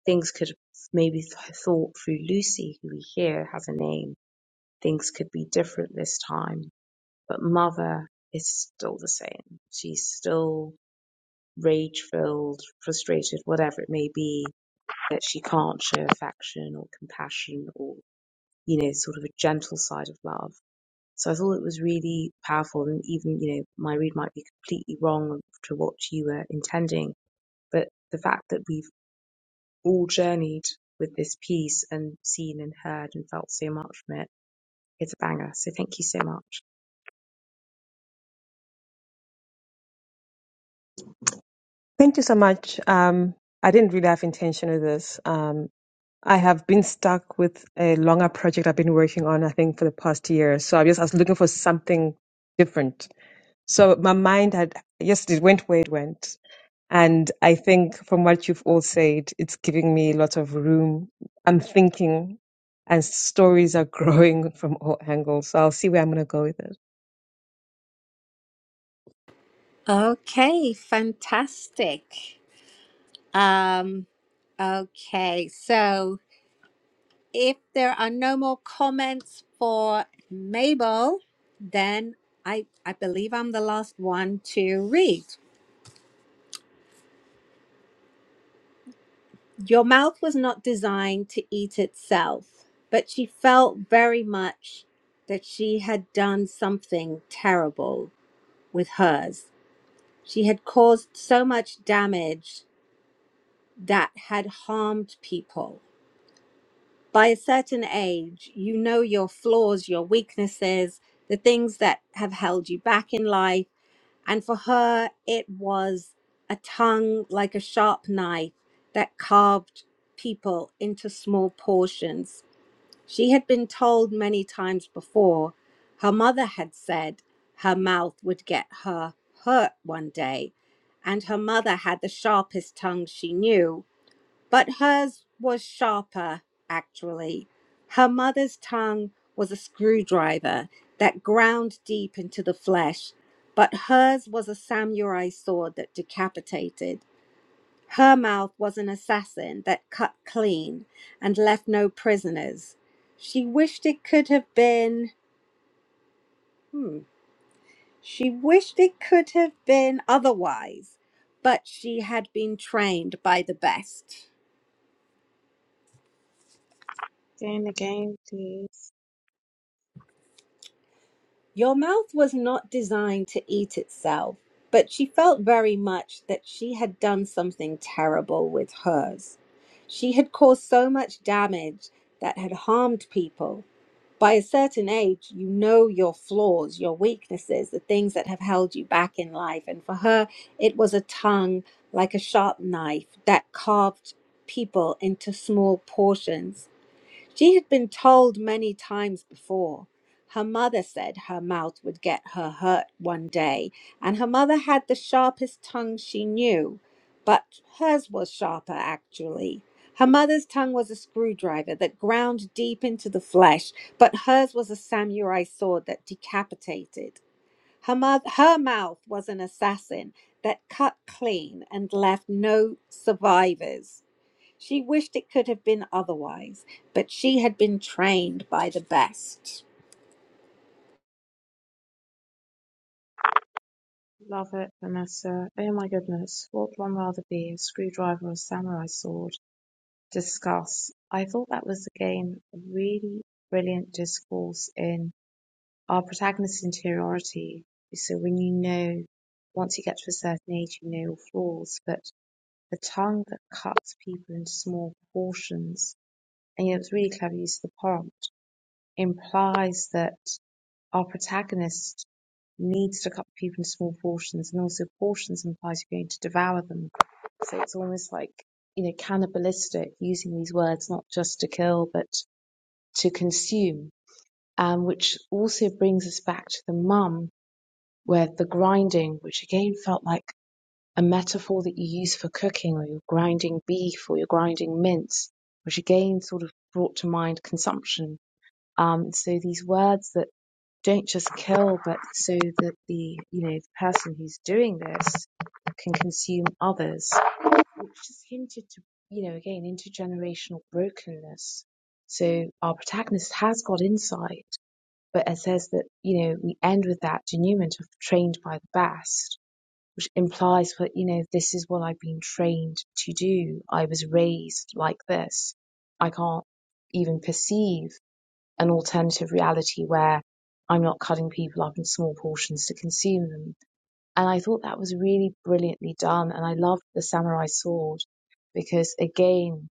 Speaker 3: things could maybe th- thought through Lucy, who we hear has a name, things could be different this time. But mother is still the same. She's still rage filled, frustrated, whatever it may be, that she can't show affection or compassion or, you know, sort of a gentle side of love. So I thought it was really powerful and even, you know, my read might be completely wrong to what you were intending but the fact that we've all journeyed with this piece and seen and heard and felt so much from it, it's a banger. So thank you so much.
Speaker 2: Thank you so much. Um, I didn't really have intention of this. Um, I have been stuck with a longer project I've been working on, I think, for the past year. So I just I was looking for something different. So my mind had yes, it went where it went. And I think from what you've all said, it's giving me a lot of room. I'm thinking and stories are growing from all angles. So I'll see where I'm gonna go with it.
Speaker 1: Okay, fantastic. Um okay, so If there are no more comments for Mabel, then I, I believe I'm the last one to read. Your mouth was not designed to eat itself, but she felt very much that she had done something terrible with hers. She had caused so much damage that had harmed people by a certain age, you know your flaws, your weaknesses, the things that have held you back in life. And for her, it was a tongue like a sharp knife that carved people into small portions. She had been told many times before, her mother had said her mouth would get her hurt one day. And her mother had the sharpest tongue she knew but hers was sharper, actually. Her mother's tongue was a screwdriver that ground deep into the flesh, but hers was a samurai sword that decapitated. Her mouth was an assassin that cut clean and left no prisoners. She wished it could have been. Hmm. She wished it could have been otherwise, but she had been trained by the best.
Speaker 3: Again, again, please.
Speaker 1: Your mouth was not designed to eat itself, but she felt very much that she had done something terrible with hers. She had caused so much damage that had harmed people. By a certain age, you know your flaws, your weaknesses, the things that have held you back in life. And for her, it was a tongue like a sharp knife that carved people into small portions she had been told many times before. Her mother said her mouth would get her hurt one day, and her mother had the sharpest tongue she knew, but hers was sharper actually. Her mother's tongue was a screwdriver that ground deep into the flesh, but hers was a samurai sword that decapitated. Her, mother, her mouth was an assassin that cut clean and left no survivors. She wished it could have been otherwise, but she had been trained by the best.
Speaker 3: Love it, Vanessa. Oh my goodness. What would one rather be, a screwdriver or a samurai sword? Discuss. I thought that was again a really brilliant discourse in our protagonist's interiority. So when you know, once you get to a certain age, you know your flaws, but a tongue that cuts people into small portions, and you know, it's really clever use of the prompt, implies that our protagonist needs to cut people into small portions, and also portions implies you're going to devour them. So it's almost like, you know, cannibalistic using these words, not just to kill, but to consume. Um, which also brings us back to the mum, where the grinding, which again felt like a metaphor that you use for cooking or you're grinding beef or you're grinding mince, which again sort of brought to mind consumption. Um, so these words that don't just kill, but so that the you know the person who's doing this can consume others, which just hinted to you know again intergenerational brokenness. So our protagonist has got insight, but it says that you know we end with that denouement of trained by the best which implies that you know this is what I've been trained to do. I was raised like this. I can't even perceive an alternative reality where I'm not cutting people up in small portions to consume them. And I thought that was really brilliantly done. And I loved the samurai sword because again,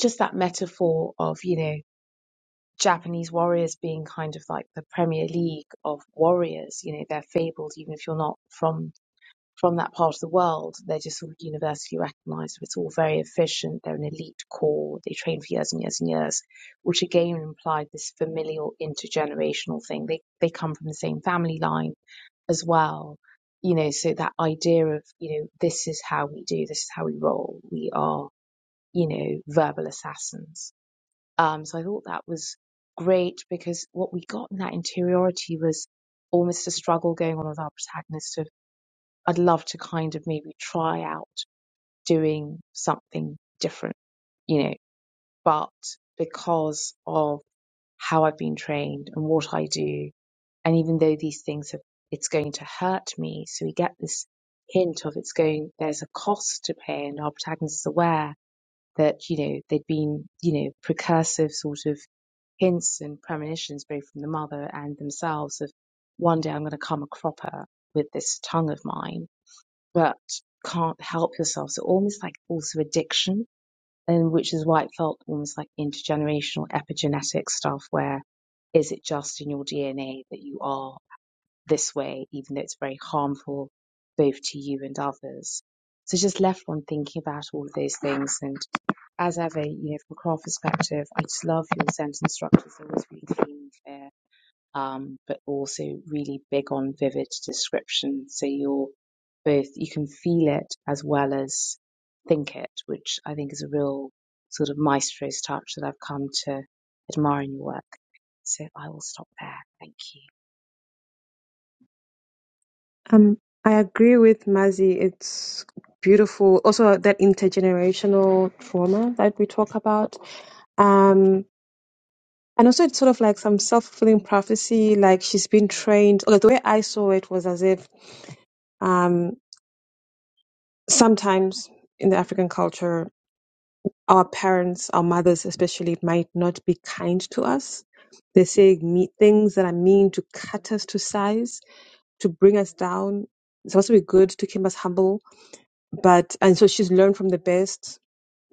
Speaker 3: just that metaphor of, you know, Japanese warriors being kind of like the Premier League of warriors, you know, they're fabled even if you're not from from that part of the world. They're just sort of universally recognized. It's all very efficient. They're an elite corps. They train for years and years and years, which again implied this familial intergenerational thing. They, they come from the same family line as well. You know, so that idea of, you know, this is how we do, this is how we roll. We are, you know, verbal assassins. Um, so I thought that was great because what we got in that interiority was almost a struggle going on with our protagonist I'd love to kind of maybe try out doing something different, you know, but because of how I've been trained and what I do, and even though these things have, it's going to hurt me, so we get this hint of it's going, there's a cost to pay, and our protagonist is aware that, you know, they'd been, you know, precursive sort of hints and premonitions, both from the mother and themselves, of one day I'm going to come a cropper with this tongue of mine but can't help yourself. So almost like also addiction, and which is why it felt almost like intergenerational epigenetic stuff where is it just in your DNA that you are this way, even though it's very harmful both to you and others? So just left on thinking about all of those things. And as ever, you know, from a craft perspective, I just love your sentence structures. always really clean and clear um, but also really big on vivid description. So you're both, you can feel it as well as think it, which I think is a real sort of maestro's touch that I've come to admire in your work. So I will stop there. Thank you.
Speaker 2: Um, I agree with Mazzy. It's beautiful. Also, that intergenerational trauma that we talk about. Um, and also, it's sort of like some self fulfilling prophecy. Like she's been trained. Okay, the way I saw it was as if um, sometimes in the African culture, our parents, our mothers especially, might not be kind to us. They say me- things that are mean to cut us to size, to bring us down. It's supposed to be good, to keep us humble but and so she's learned from the best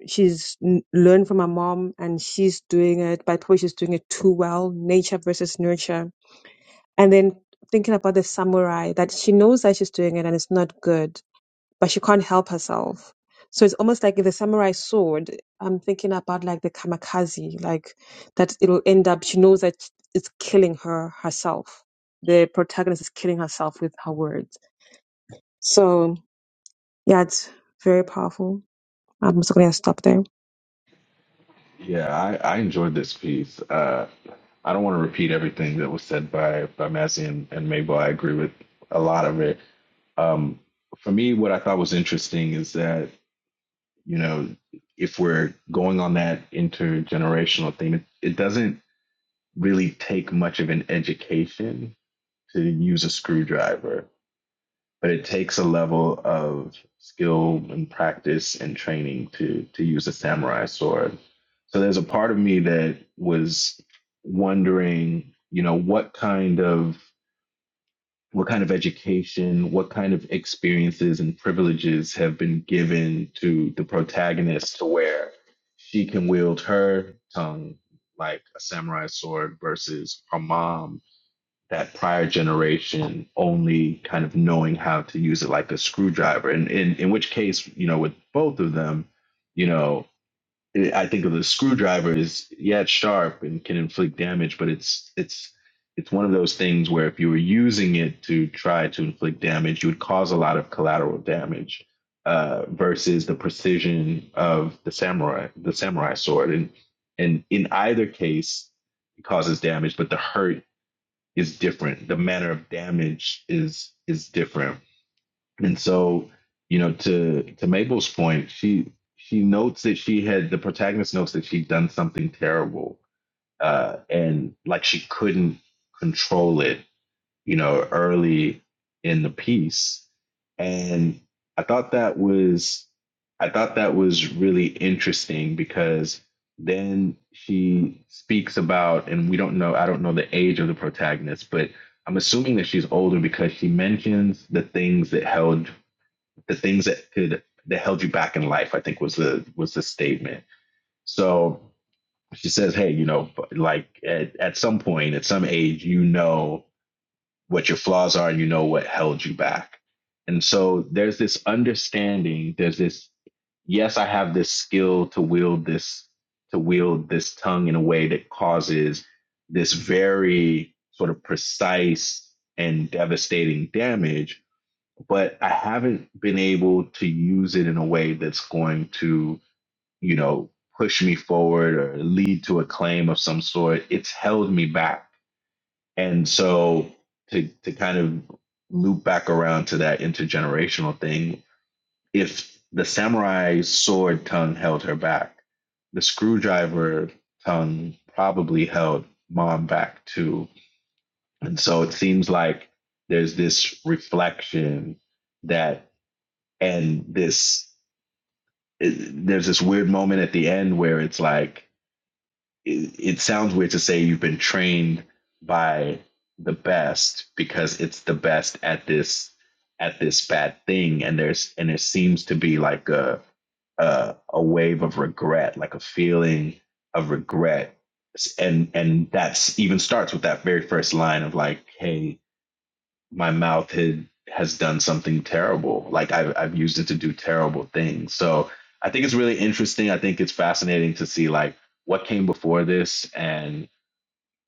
Speaker 2: she's n- learned from her mom and she's doing it but probably she's doing it too well nature versus nurture and then thinking about the samurai that she knows that she's doing it and it's not good but she can't help herself so it's almost like the samurai sword i'm thinking about like the kamikaze like that it'll end up she knows that it's killing her herself the protagonist is killing herself with her words so yeah it's very powerful i'm just gonna stop there
Speaker 4: Yeah, I, I enjoyed this piece. Uh, I don't want to repeat everything that was said by by Massey and, and Mabel. I agree with a lot of it. Um, for me, what I thought was interesting is that you know if we're going on that intergenerational theme, it, it doesn't really take much of an education to use a screwdriver but it takes a level of skill and practice and training to to use a samurai sword. So there's a part of me that was wondering, you know, what kind of what kind of education, what kind of experiences and privileges have been given to the protagonist to where she can wield her tongue like a samurai sword versus her mom that prior generation only kind of knowing how to use it like a screwdriver. And in, in which case, you know, with both of them, you know, I think of the screwdriver is yeah, it's sharp and can inflict damage, but it's it's it's one of those things where if you were using it to try to inflict damage, you would cause a lot of collateral damage. Uh, versus the precision of the samurai, the samurai sword, and and in either case, it causes damage, but the hurt is different. The manner of damage is is different. And so, you know, to to Mabel's point, she she notes that she had the protagonist notes that she'd done something terrible, uh, and like she couldn't control it you know, early in the piece. And I thought that was I thought that was really interesting because then she speaks about and we don't know I don't know the age of the protagonist, but I'm assuming that she's older because she mentions the things that held the things that could that held you back in life, I think was the was the statement. So she says, Hey, you know, like at, at some point, at some age, you know what your flaws are and you know what held you back. And so there's this understanding, there's this yes, I have this skill to wield this to wield this tongue in a way that causes this very sort of precise and devastating damage, but I haven't been able to use it in a way that's going to, you know, push me forward or lead to a claim of some sort. It's held me back and so to to kind of loop back around to that intergenerational thing, if the samurai sword tongue held her back, the screwdriver tongue probably held mom back too. And so it seems like there's this reflection that and this there's this weird moment at the end where it's like it, it sounds weird to say you've been trained by the best because it's the best at this at this bad thing and there's and there seems to be like a a, a wave of regret like a feeling of regret and and that's even starts with that very first line of like hey my mouth had has done something terrible. Like I've I've used it to do terrible things. So I think it's really interesting. I think it's fascinating to see like what came before this and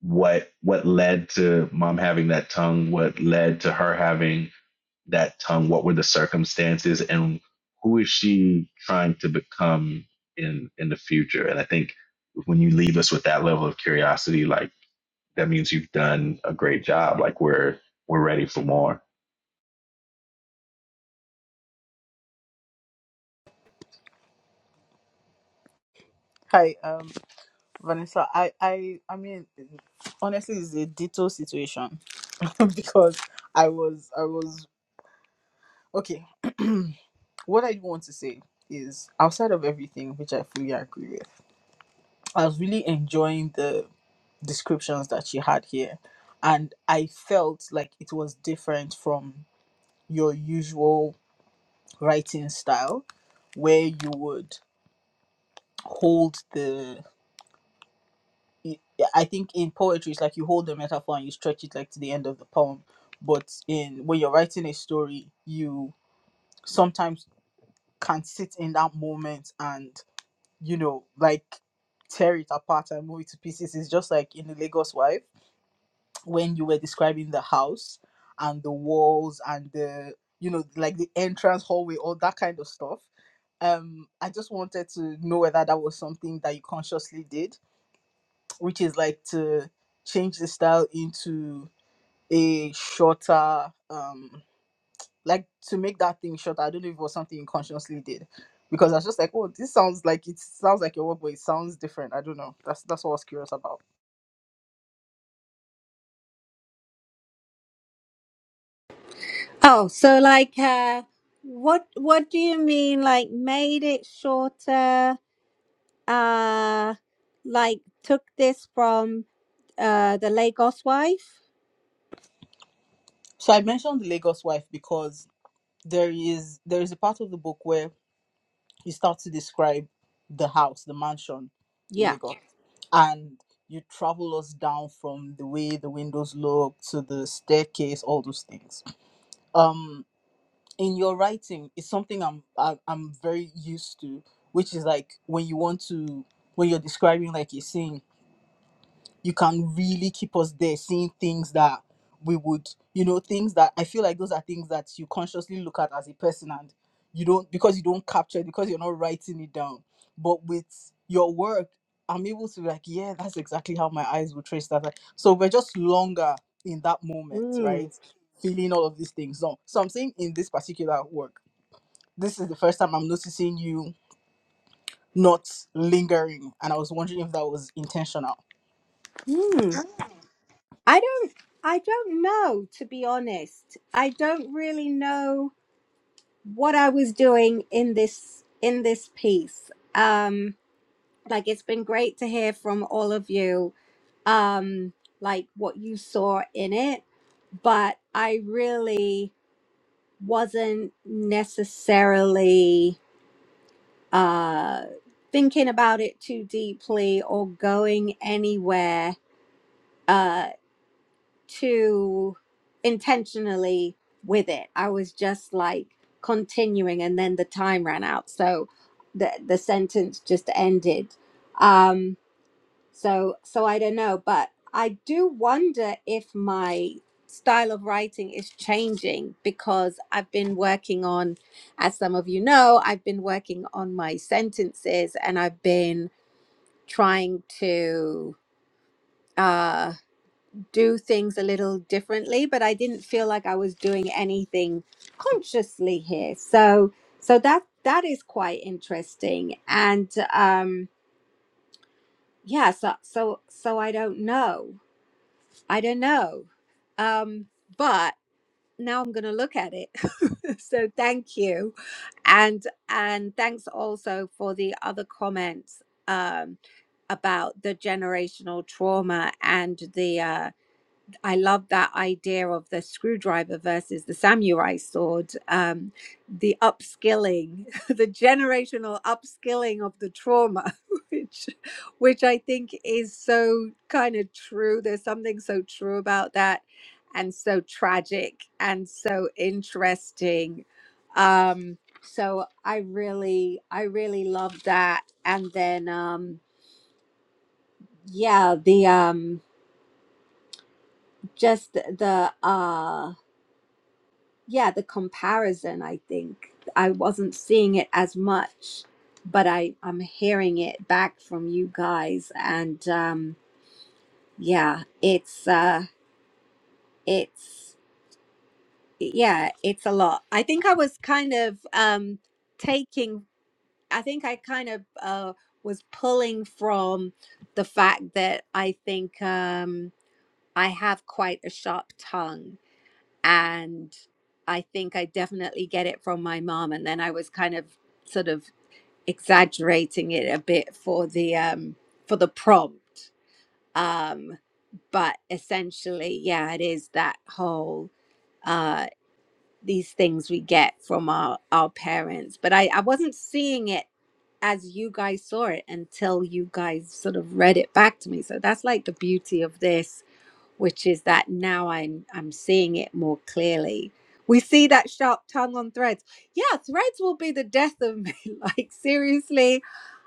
Speaker 4: what what led to mom having that tongue, what led to her having that tongue, what were the circumstances and who is she trying to become in in the future? And I think when you leave us with that level of curiosity, like that means you've done a great job. Like we're we're ready for more.
Speaker 6: Hi. um. Vanessa, I, I, I mean, honestly, it's a ditto situation because I was, I was okay. what I want to say is, outside of everything, which I fully agree with, I was really enjoying the descriptions that she had here, and I felt like it was different from your usual writing style, where you would hold the y- yeah, I think in poetry it's like you hold the metaphor and you stretch it like to the end of the poem. But in when you're writing a story, you sometimes can sit in that moment and you know like tear it apart and move it to pieces. It's just like in the Lagos Wife when you were describing the house and the walls and the you know like the entrance hallway, all that kind of stuff. Um, I just wanted to know whether that was something that you consciously did which is like to change the style into a shorter um like to make that thing shorter i don't know if it was something you consciously did because i was just like oh this sounds like it sounds like your work but it sounds different i don't know that's that's what i was curious about
Speaker 1: Oh, so like uh what what do you mean like made it shorter? Uh like took this from uh the Lagos wife?
Speaker 6: so i mentioned the lagos wife because there is there is a part of the book where you start to describe the house the mansion in
Speaker 1: Yeah.
Speaker 6: lagos and you travel us down from the way the windows look to the staircase all those things um. in your writing is something I'm I, I'm very used to, which is like when you want to when you're describing like a scene, you can really keep us there, seeing things that we would you know things that I feel like those are things that you consciously look at as a person and you don't because you don't capture it because you're not writing it down. But with your work, I'm able to be like yeah, that's exactly how my eyes will trace that. Like, So we're just longer in that moment,
Speaker 1: Hmm.
Speaker 6: right? Feeling all of these things. So, so I'm saying in this particular work this is the first time I'm noticing you not lingering, and I was wondering if that was intentional.
Speaker 1: Hmm. I don't I don't know to be honest. I don't really know what I was doing in this in this piece. Um. like it's been great to hear from all of you um like what you saw in it but i really wasn't necessarily uh thinking about it too deeply or going anywhere uh too intentionally with it i was just like continuing and then the time ran out so the the sentence just ended Um, So so I don't know, but I do wonder if my style of writing is changing because I've been working on as some of you know, I've been working on my sentences and I've been trying to uh do things a little differently, but I didn't feel like I was doing anything consciously here. So so that that is quite interesting and um yeah, so so so I don't know. I don't know. Um, but now I'm going to look at it. so thank you. And and thanks also for the other comments um about the generational trauma and the uh I love that idea of the screwdriver versus the samurai sword, um, the upskilling, the generational upskilling of the trauma, which, which I think is so kind of true. There's something so true about that, and so tragic and so interesting. Um, so I really, I really love that. And then, um, yeah, the um, just the uh yeah, the comparison, I think. I wasn't seeing it as much, but I, I'm hearing it back from you guys. And um, yeah, it's, uh, it's, yeah, it's a lot. I think I was kind of um, taking, I think I kind of uh, was pulling from the fact that I think um, I have quite a sharp tongue and I think I definitely get it from my mom. And then I was kind of sort of exaggerating it a bit for the um, for the prompt. Um, but essentially, yeah, it is that whole uh, these things we get from our our parents. But I, I wasn't seeing it as you guys saw it until you guys sort of read it back to me. So that's like the beauty of this which is that now I'm I'm seeing it more clearly. We see that sharp tongue on threads. Yeah, threads will be the death of me. Like seriously,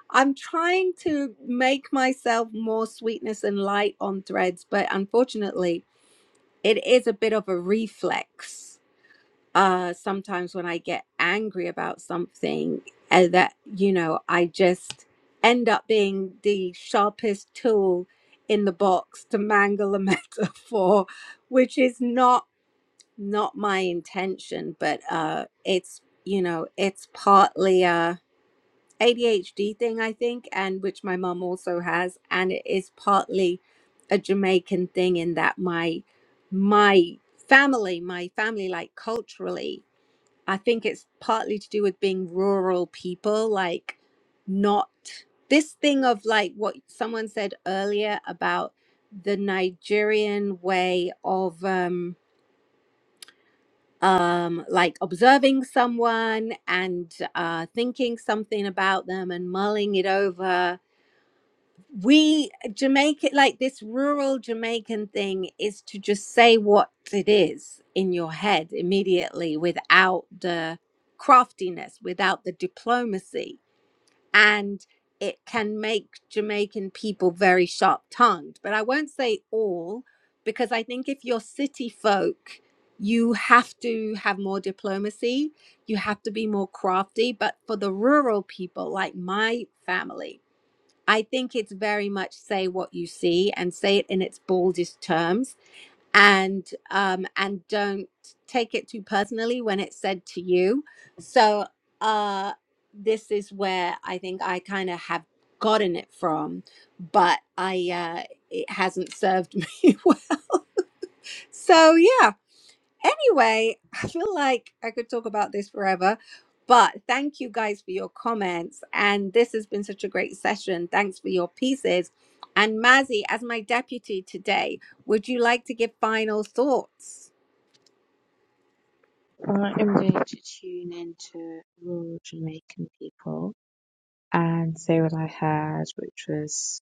Speaker 1: I'm trying to make myself more sweetness and light on threads, but unfortunately, it is a bit of a reflex uh sometimes when i get angry about something and that you know i just end up being the sharpest tool in the box to mangle a metaphor which is not not my intention but uh it's you know it's partly a adhd thing i think and which my mum also has and it is partly a jamaican thing in that my my family my family like culturally I think it's partly to do with being rural people, like not this thing of like what someone said earlier about the Nigerian way of um um like observing someone and uh thinking something about them and mulling it over we Jamaica like this rural Jamaican thing is to just say what it is in your head immediately without the craftiness, without the diplomacy. And it can make Jamaican people very sharp tongued. But I won't say all, because I think if you're city folk, you have to have more diplomacy, you have to be more crafty. But for the rural people, like my family, I think it's very much say what you see and say it in its boldest terms and um and don't take it too personally when it's said to you. So uh this is where I think I kind of have gotten it from, but I uh it hasn't served me well. So yeah, Anyway, I feel like I could talk about this forever, but thank you guys for your comments. And this has been such a great session. Thanks for your pieces. And Mazzy, as my deputy today, would you like to give final thoughts?
Speaker 3: I am going to tune into rural Jamaican people and say what I heard, which was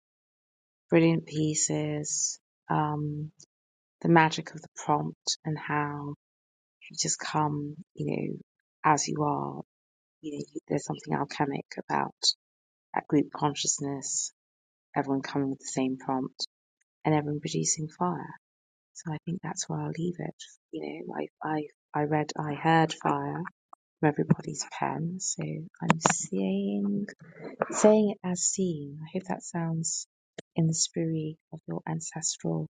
Speaker 3: brilliant pieces, um, the magic of the prompt and how If you just come, you know, as you are. You know, you, there's something alchemic about that group consciousness, everyone coming with the same prompt and everyone producing fire. So I think that's where I'll leave it. You know, I, I, I read, I heard fire from everybody's pen. So I'm saying, saying it as seen. I hope that sounds in the spirit of your ancestral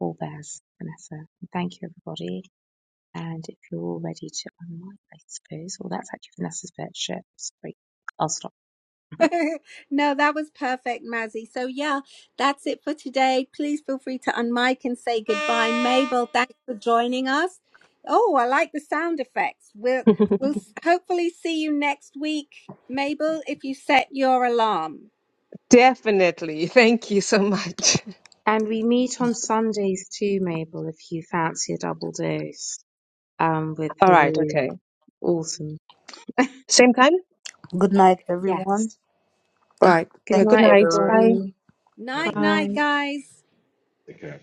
Speaker 3: forebears, Vanessa. And thank you, everybody. And if you're all ready to unmic, I suppose, well, that's actually Vanessa's bit. Shit, sorry, I'll stop.
Speaker 1: no, that was perfect, Mazzy. So, yeah, that's it for today. Please feel free to unmic and say goodbye. Mabel, thanks for joining us. Oh, I like the sound effects. We'll, we'll s- hopefully see you next week, Mabel, if you set your alarm.
Speaker 2: Definitely. Thank you so much.
Speaker 3: And we meet on Sundays too, Mabel, if you fancy a double dose um, with
Speaker 2: All right.
Speaker 3: Haroon.
Speaker 2: Okay.
Speaker 3: Awesome.
Speaker 2: Same time?
Speaker 6: Good night,
Speaker 3: Yes.
Speaker 6: everyone.
Speaker 2: All
Speaker 6: Thank,
Speaker 2: right.
Speaker 3: Good
Speaker 2: Okay.
Speaker 6: thank you
Speaker 2: Good
Speaker 3: night,
Speaker 6: for the
Speaker 2: night.
Speaker 6: room.
Speaker 2: Bye.
Speaker 3: everybody.
Speaker 4: Never
Speaker 1: Night, night,
Speaker 3: Bye.
Speaker 4: mind.
Speaker 1: guys.
Speaker 4: Okay.